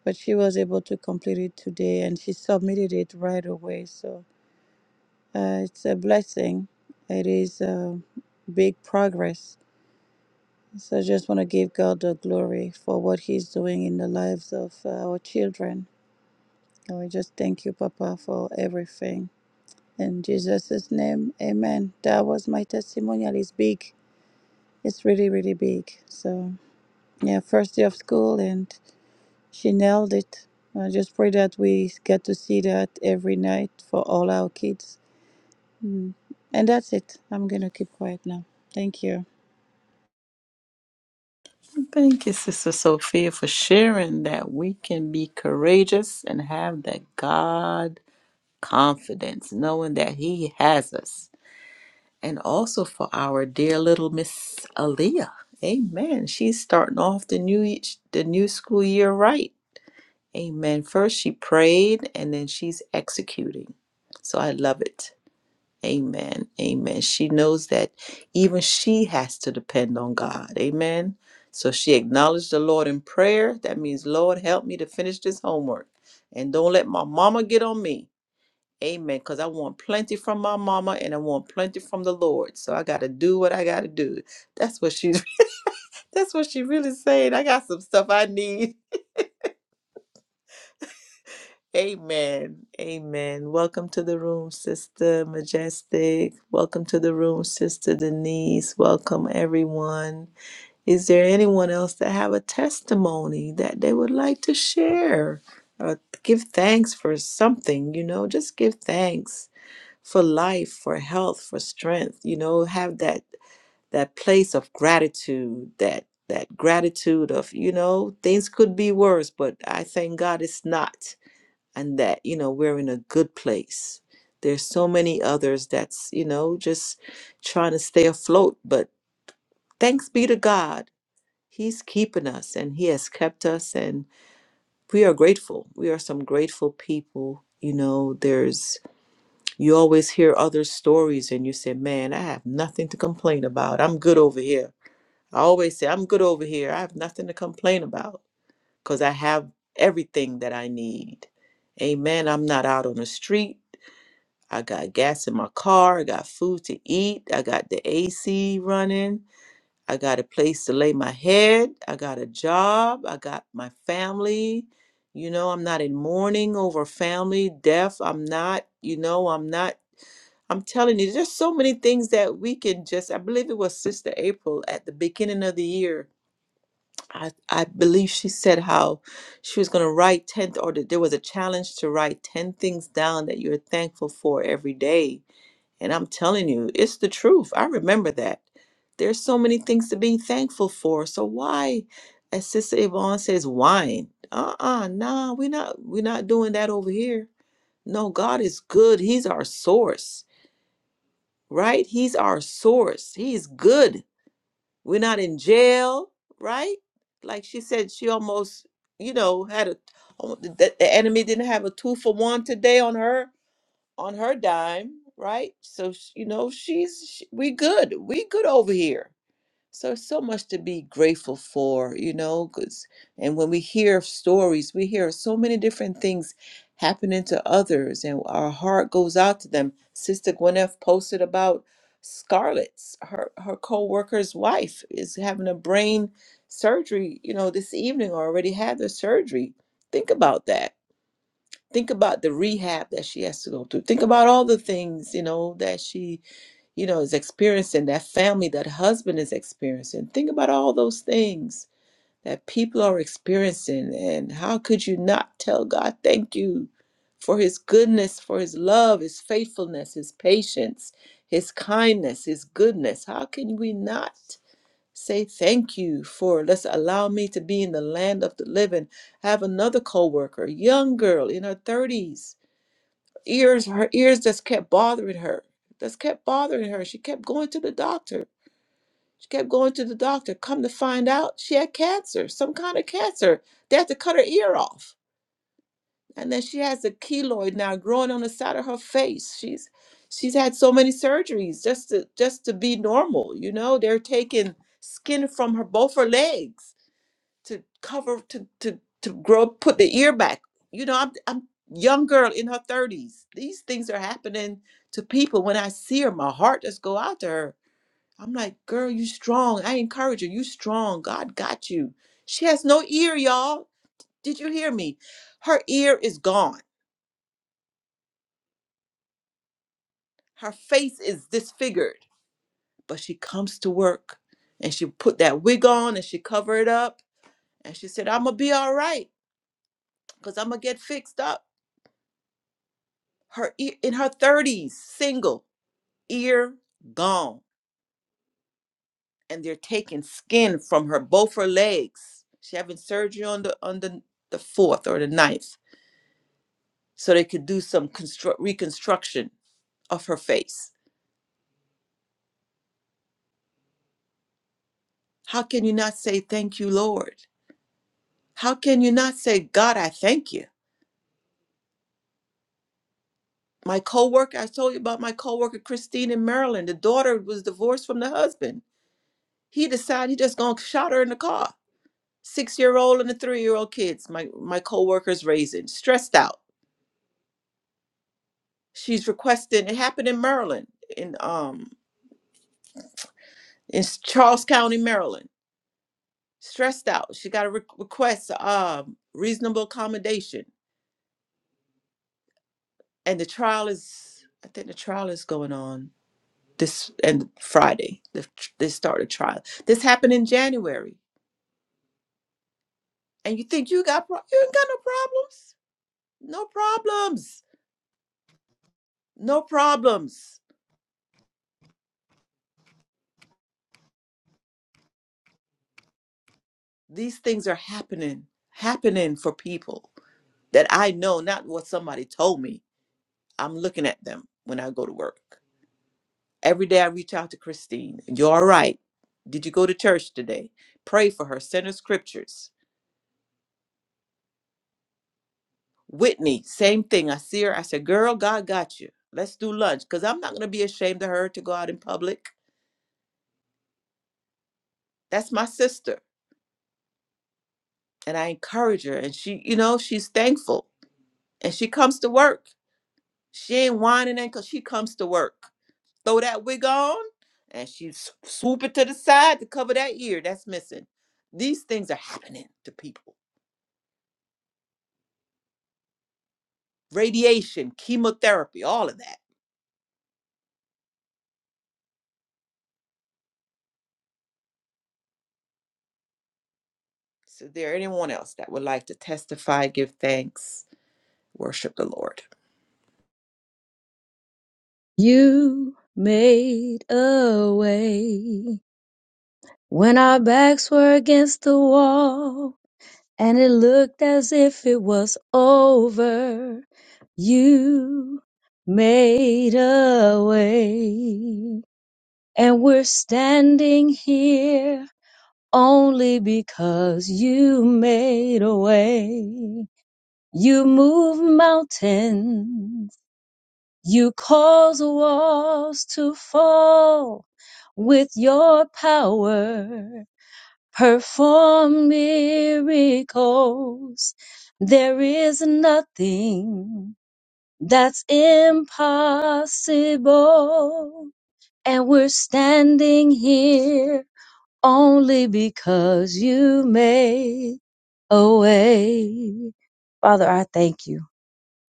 [SPEAKER 7] but she was able to complete it today and she submitted it right away. So Uh, it's a blessing. It is a big progress. So I just want to give God the glory for what He's doing in the lives of uh, our children. And we just thank you, Papa, for everything. In Jesus' name, amen. That was my testimonial. It's big. It's really, really big. So, yeah, first day of school, and she nailed it. I just pray that we get to see that every night for all our kids. Mm. And that's it. I'm going to keep quiet now. Thank you.
[SPEAKER 2] Thank you, Sister Sophia, for sharing that we can be courageous and have that God confidence, knowing that He has us. And also for our dear little Miss Aaliyah. Amen. She's starting off the new e, the new school year right. Amen. First, she prayed and then she's executing. So I love it. Amen. Amen. She knows that even she has to depend on God. Amen. So she acknowledged the Lord in prayer. That means, Lord, help me to finish this homework and don't let my mama get on me. Amen. Because I want plenty from my mama and I want plenty from the Lord. So I got to do what I got to do. That's what she's, *laughs* that's what she really saying. I got some stuff I need Amen. Amen. Welcome to the room, Sister Majestic. Welcome to the room, Sister Denise. Welcome, everyone. Is there anyone else that have a testimony that they would like to share? Or give thanks for something, you know, just give thanks for life, for health, for strength, you know, have that that place of gratitude, that that gratitude of, you know, things could be worse, but I thank God it's not and that you know we're in a good place there's so many others that's you know just trying to stay afloat but thanks be to god he's keeping us and he has kept us and we are grateful we are some grateful people you know there's you always hear other stories and you say man i have nothing to complain about i'm good over here i always say i'm good over here i have nothing to complain about because i have everything that i need amen i'm not out on the street I got gas in my car. I got food to eat. I got the AC running. I got a place to lay my head. I got a job. I got my family. You know, I'm not in mourning over family death. I'm not, you know, I'm not. I'm telling you, there's so many things that we can just. I believe it was Sister April at the beginning of the year. I, I believe she said how she was going to write 10 th- or that there was a challenge to write 10 things down that you're thankful for every day and I'm telling you, it's the truth. I remember that. There's so many things to be thankful for. So why, as Sister Yvonne says, whine? Uh-uh, nah, we're not we're not doing that over here. No, God is good. He's our source, right? He's our source. He's good. We're not in jail, right? Like she said, she almost, you know, had a the, the enemy didn't have a two for one today on her on her dime, right? So sh- you know, she's sh we good. We good over here. So so much to be grateful for, you know, 'cause- and when we hear stories, we hear so many different things happening to others and our heart goes out to them. Sister Gwyneth posted about Scarlett's her her co-worker's wife is having a brain surgery, you know, this evening or already had the surgery. Think about that think about the rehab that she has to go through think about all the things you know that she you know is experiencing that family that husband is experiencing think about all those things that people are experiencing and how could you not tell god thank you for his goodness for his love his faithfulness his patience his kindness his goodness how can we not say thank you for let's allow me to be in the land of the living I have another coworker, young girl in her 30s ears her ears just kept bothering her just kept bothering her she kept going to the doctor she kept going to the doctor come to find out she had cancer some kind of cancer they had to cut her ear off and then she has a keloid now growing on the side of her face she's she's had so many surgeries just to just to be normal you know they're taking skin from her both her legs to cover to to to grow put the ear back you know i'm i'm young girl in her 30s these things are happening to people when i see her my heart just go out to her i'm like girl you strong i encourage her you strong god got you she has no ear y'all did you hear me her ear is gone her face is disfigured but she comes to work and she put that wig on and she cover it up and she said i'm gonna be all right because i'm gonna get fixed up her ear in her 30s single ear gone and they're taking skin from her both her legs she having surgery on the on the, the fourth or the ninth so they could do some construct reconstruction of her face how can you not say thank you lord how can you not say god i thank you my coworker i told you about my coworker christine in maryland the daughter was divorced from the husband he decided he just gonna shot her in the car six-year-old and a three-year-old kids my my co-worker's raising stressed out she's requesting it happened in maryland in um in charles county maryland stressed out she got a re- request um reasonable accommodation and the trial is i think the trial is going on this and friday the, tr- they start a trial this happened in january and you think you got pro- you ain't got no problems no problems no problems These things are happening, happening for people that I know, not what somebody told me. I'm looking at them when I go to work. Every day I reach out to Christine. You're all right. Did you go to church today? Pray for her. Send her scriptures. Whitney, same thing. I see her. I said, Girl, God got you. Let's do lunch. Because I'm not going to be ashamed of her to go out in public. That's my sister. And I encourage her. And she, you know, she's thankful. And she comes to work. She ain't whining and 'cause she comes to work. throw that wig on and she s- swoop it to the side to cover that ear that's missing. These things are happening to people. Radiation, chemotherapy, all of that. So, is there anyone else that would like to testify, give thanks, worship the Lord?
[SPEAKER 5] You made a way when our backs were against the wall. and it looked as if it was over. You made a way, and we're standing here only because you made a way. You move mountains, you cause walls to fall with your power. perform miracles. There is nothing that's impossible. And we're standing here only because you made a way. Father, I thank you.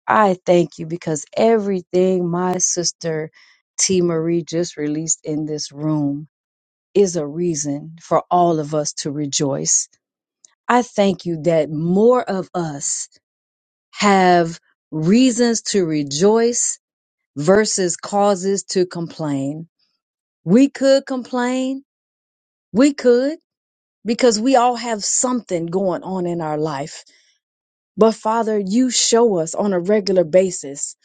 [SPEAKER 5] I thank you because everything my sister T. Marie just released in this room is a reason for all of us to rejoice I thank you that more of us have reasons to rejoice versus causes to complain. We could complain. We could because we all have something going on in our life. But Father, you show us on a regular basis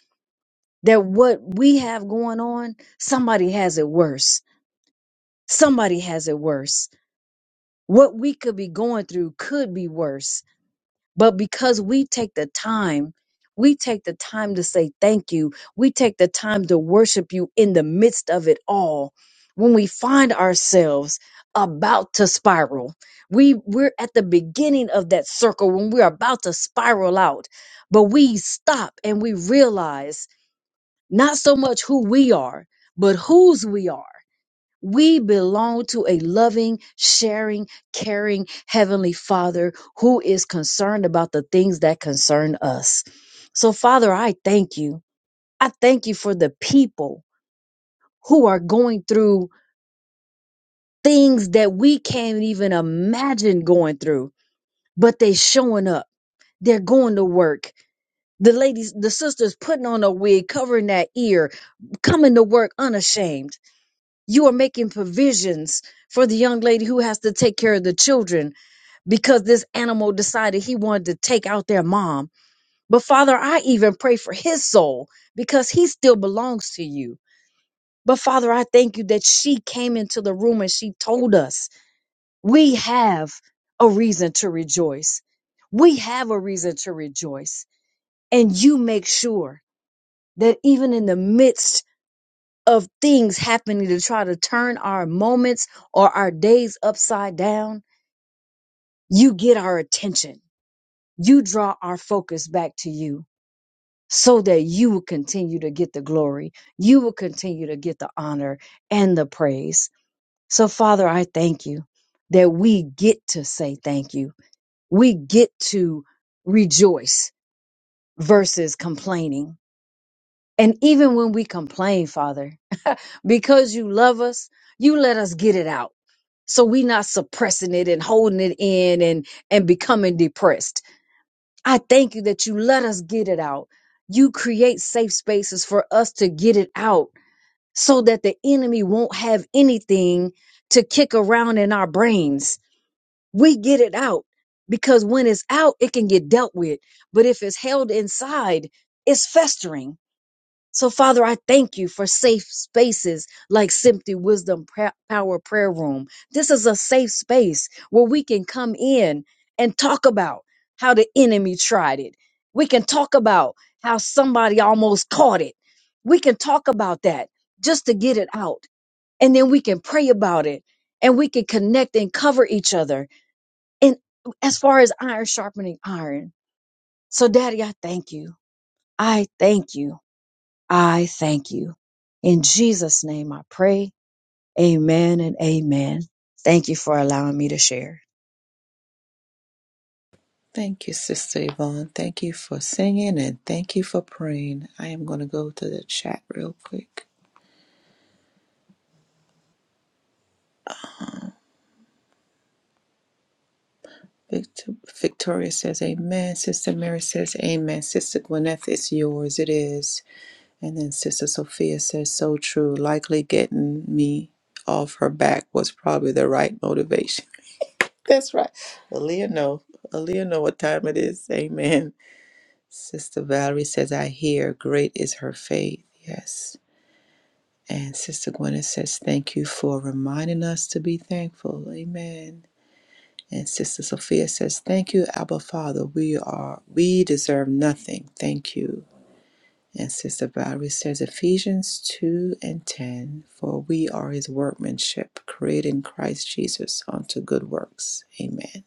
[SPEAKER 5] that what we have going on, somebody has it worse. Somebody has it worse. What we could be going through could be worse But because we take the time, we take the time to say thank you. We take the time to worship you in the midst of it all. When we find ourselves about to spiral, we, we're at the beginning of that circle when we're about to spiral out, but we stop and we realize not so much who we are, but whose we are we belong to a loving, sharing, caring Heavenly Father who is concerned about the things that concern us. So, Father, I thank you. I thank you for the people who are going through things that we can't even imagine going through, but they showing up. They're going to work. The ladies, the sisters putting on a wig, covering that ear, coming to work unashamed. You are making provisions for the young lady who has to take care of the children because this animal decided he wanted to take out their mom. But Father, I even pray for his soul because he still belongs to you. But Father, I thank you that she came into the room and she told us we have a reason to rejoice. We have a reason to rejoice. And you make sure that even in the midst of things happening to try to turn our moments or our days upside down, you get our attention you draw our focus back to you so that you will continue to get the glory. You will continue to get the honor and the praise. So, Father, I thank you that we get to say thank you. We get to rejoice versus complaining. And even when we complain, Father, because you love us, you let us get it out. So we not suppressing it and holding it in and, and becoming depressed I thank you that you let us get it out. You create safe spaces for us to get it out so that the enemy won't have anything to kick around in our brains. We get it out because when it's out, it can get dealt with. But if it's held inside, it's festering so, Father, I thank you for safe spaces like Simply Wisdom Pra- Power Prayer Room. This is a safe space where we can come in and talk about how the enemy tried it. We can talk about how somebody almost caught it. We can talk about that just to get it out. And then we can pray about it and we can connect and cover each other. And as far as iron sharpening iron. So, Daddy, I thank you. I thank you. I thank you. In Jesus' name I pray. Amen and amen. Thank you for allowing me to share.
[SPEAKER 2] Thank you, Sister Yvonne. Thank you for singing and thank you for praying. I am going to go to the chat real quick. Victor, Victoria says, Amen. Sister Mary says, Amen. Sister Gwyneth, it's yours. It is. And then Sister Sophia says, so true. Likely getting me off her back was probably the right motivation. *laughs* That's right. Aaliyah know. Aaliyah know what time it is. Amen. Sister Valerie says, I hear great is her faith. Yes. And Sister Gwyneth says, thank you for reminding us to be thankful. Amen. And Sister Sophia says, thank you, Abba Father. We are, we deserve nothing. Thank you. And Sister Valerie says Ephesians 2 and 10 For we are his workmanship, created in Christ Jesus unto good works. Amen.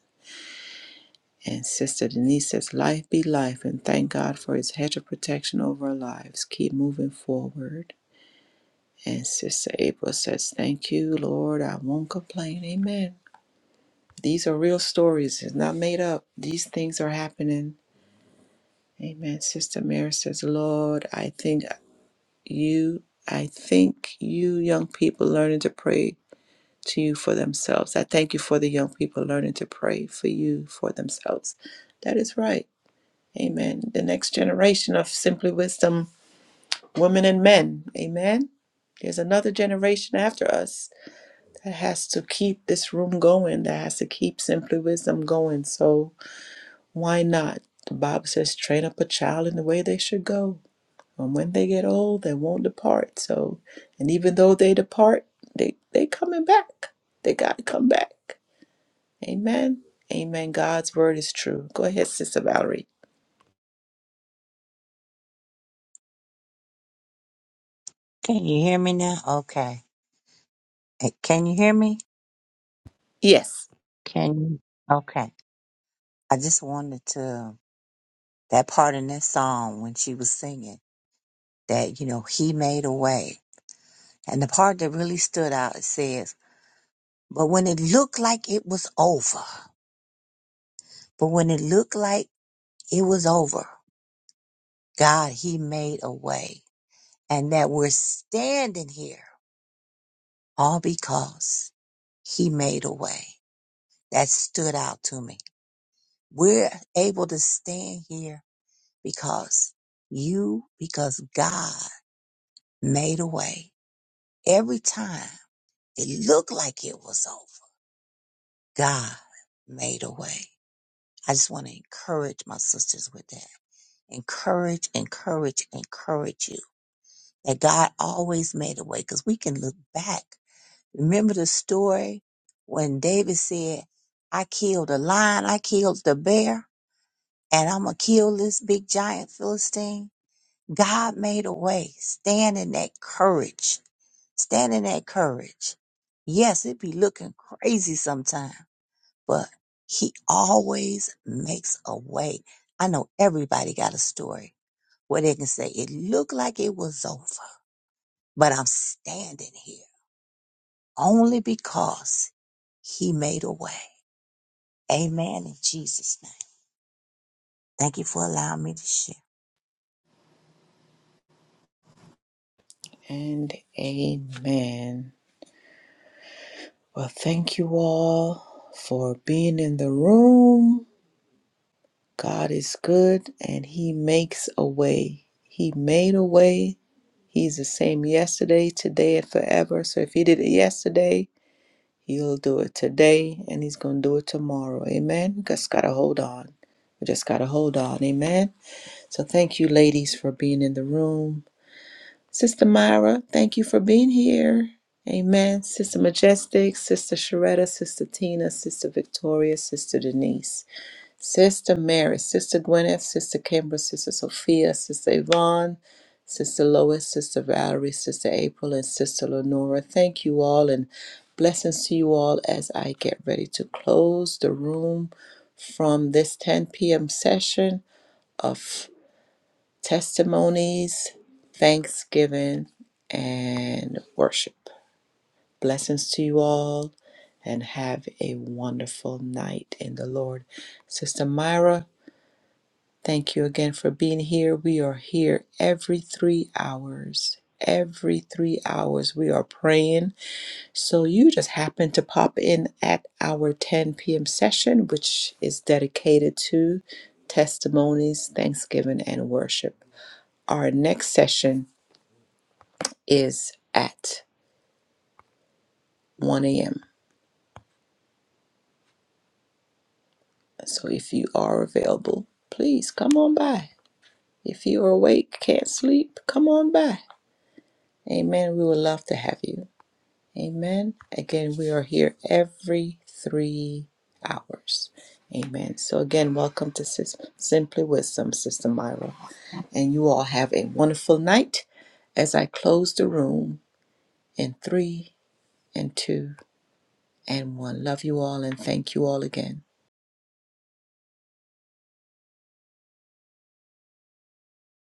[SPEAKER 2] And Sister Denise says, Life be life, and thank God for his hedge of protection over our lives. Keep moving forward. And Sister April says, Thank you, Lord. I won't complain. Amen. These are real stories. It's not made up. These things are happening. Amen. Sister Mary says, Lord, I think. you i think you young people learning to pray to you for themselves i thank you for the young people learning to pray for you for themselves that is right amen the next generation of simply wisdom women and men amen there's another generation after us that has to keep this room going that has to keep simply wisdom going so why not the bible says train up a child in the way they should go and when they get old, they won't depart. So, and even though they depart, they they coming back. They got to come back. Amen. Amen. God's word is true. Go ahead, Sister Valerie.
[SPEAKER 6] Can you hear me now? Okay. Eh, Can you hear me?
[SPEAKER 2] Yes.
[SPEAKER 6] Can you? Okay. I just wanted to, that part in that song when she was singing that, you know, he made a way. And the part that really stood out, it says, but when it looked like it was over, but when it looked like it was over, God, he made a way and that we're standing here all because he made a way that stood out to me. We're able to stand here because you, because God made a way. Every time it looked like it was over, God made a way. I just want to encourage my sisters with that. Encourage, encourage, encourage you that God always made a way because we can look back Remember the story when David said, I killed a lion, I killed the bear, and I'm going to kill this big giant Philistine? God made a way. Stand in that courage. Stand in that courage. Yes, it be looking crazy sometimes, but he always makes a way. I know everybody got a story where they can say, it looked like it was over, but I'm standing here only because he made a way. Amen in Jesus' name. Thank you for allowing me to share.
[SPEAKER 2] And amen. Well, thank you all for being in the room. God is good and He makes a way. He made a way. He's the same yesterday, today, and forever. So if He did it yesterday, He'll do it today and he's going to do it tomorrow. Amen. We just got to hold on. We just got to hold on. Amen. So thank you, ladies, for being in the room. Sister Myra, thank you for being here. Amen. Sister Majestic, Sister Sharetta, Sister Tina, Sister Victoria, Sister Denise. Sister Mary, Sister Gwyneth, Sister Kimber, Sister Sophia, Sister Yvonne, Sister Lois, Sister Valerie, Sister April, and Sister Lenora. Thank you all and blessings to you all as I get ready to close the room from this 10 p.m. session of testimonies, thanksgiving, and worship. Blessings to you all and have a wonderful night in the Lord. Sister Myra, Thank you again for being here. We are here every three hours. Every three hours, we are praying. So you just happen to pop in at our 10 p.m. session, which is dedicated to testimonies, thanksgiving, and worship. Our next session is at 1 a.m. So if you are available, please come on by. If you are awake, can't sleep, come on by. Amen. We would love to have you. Amen. Again, we are here every three hours. Amen. So, again, welcome to Sis- Simply Wisdom, Sister Myra. And you all have a wonderful night as I close the room in three and two and one. Love you all and thank you all again.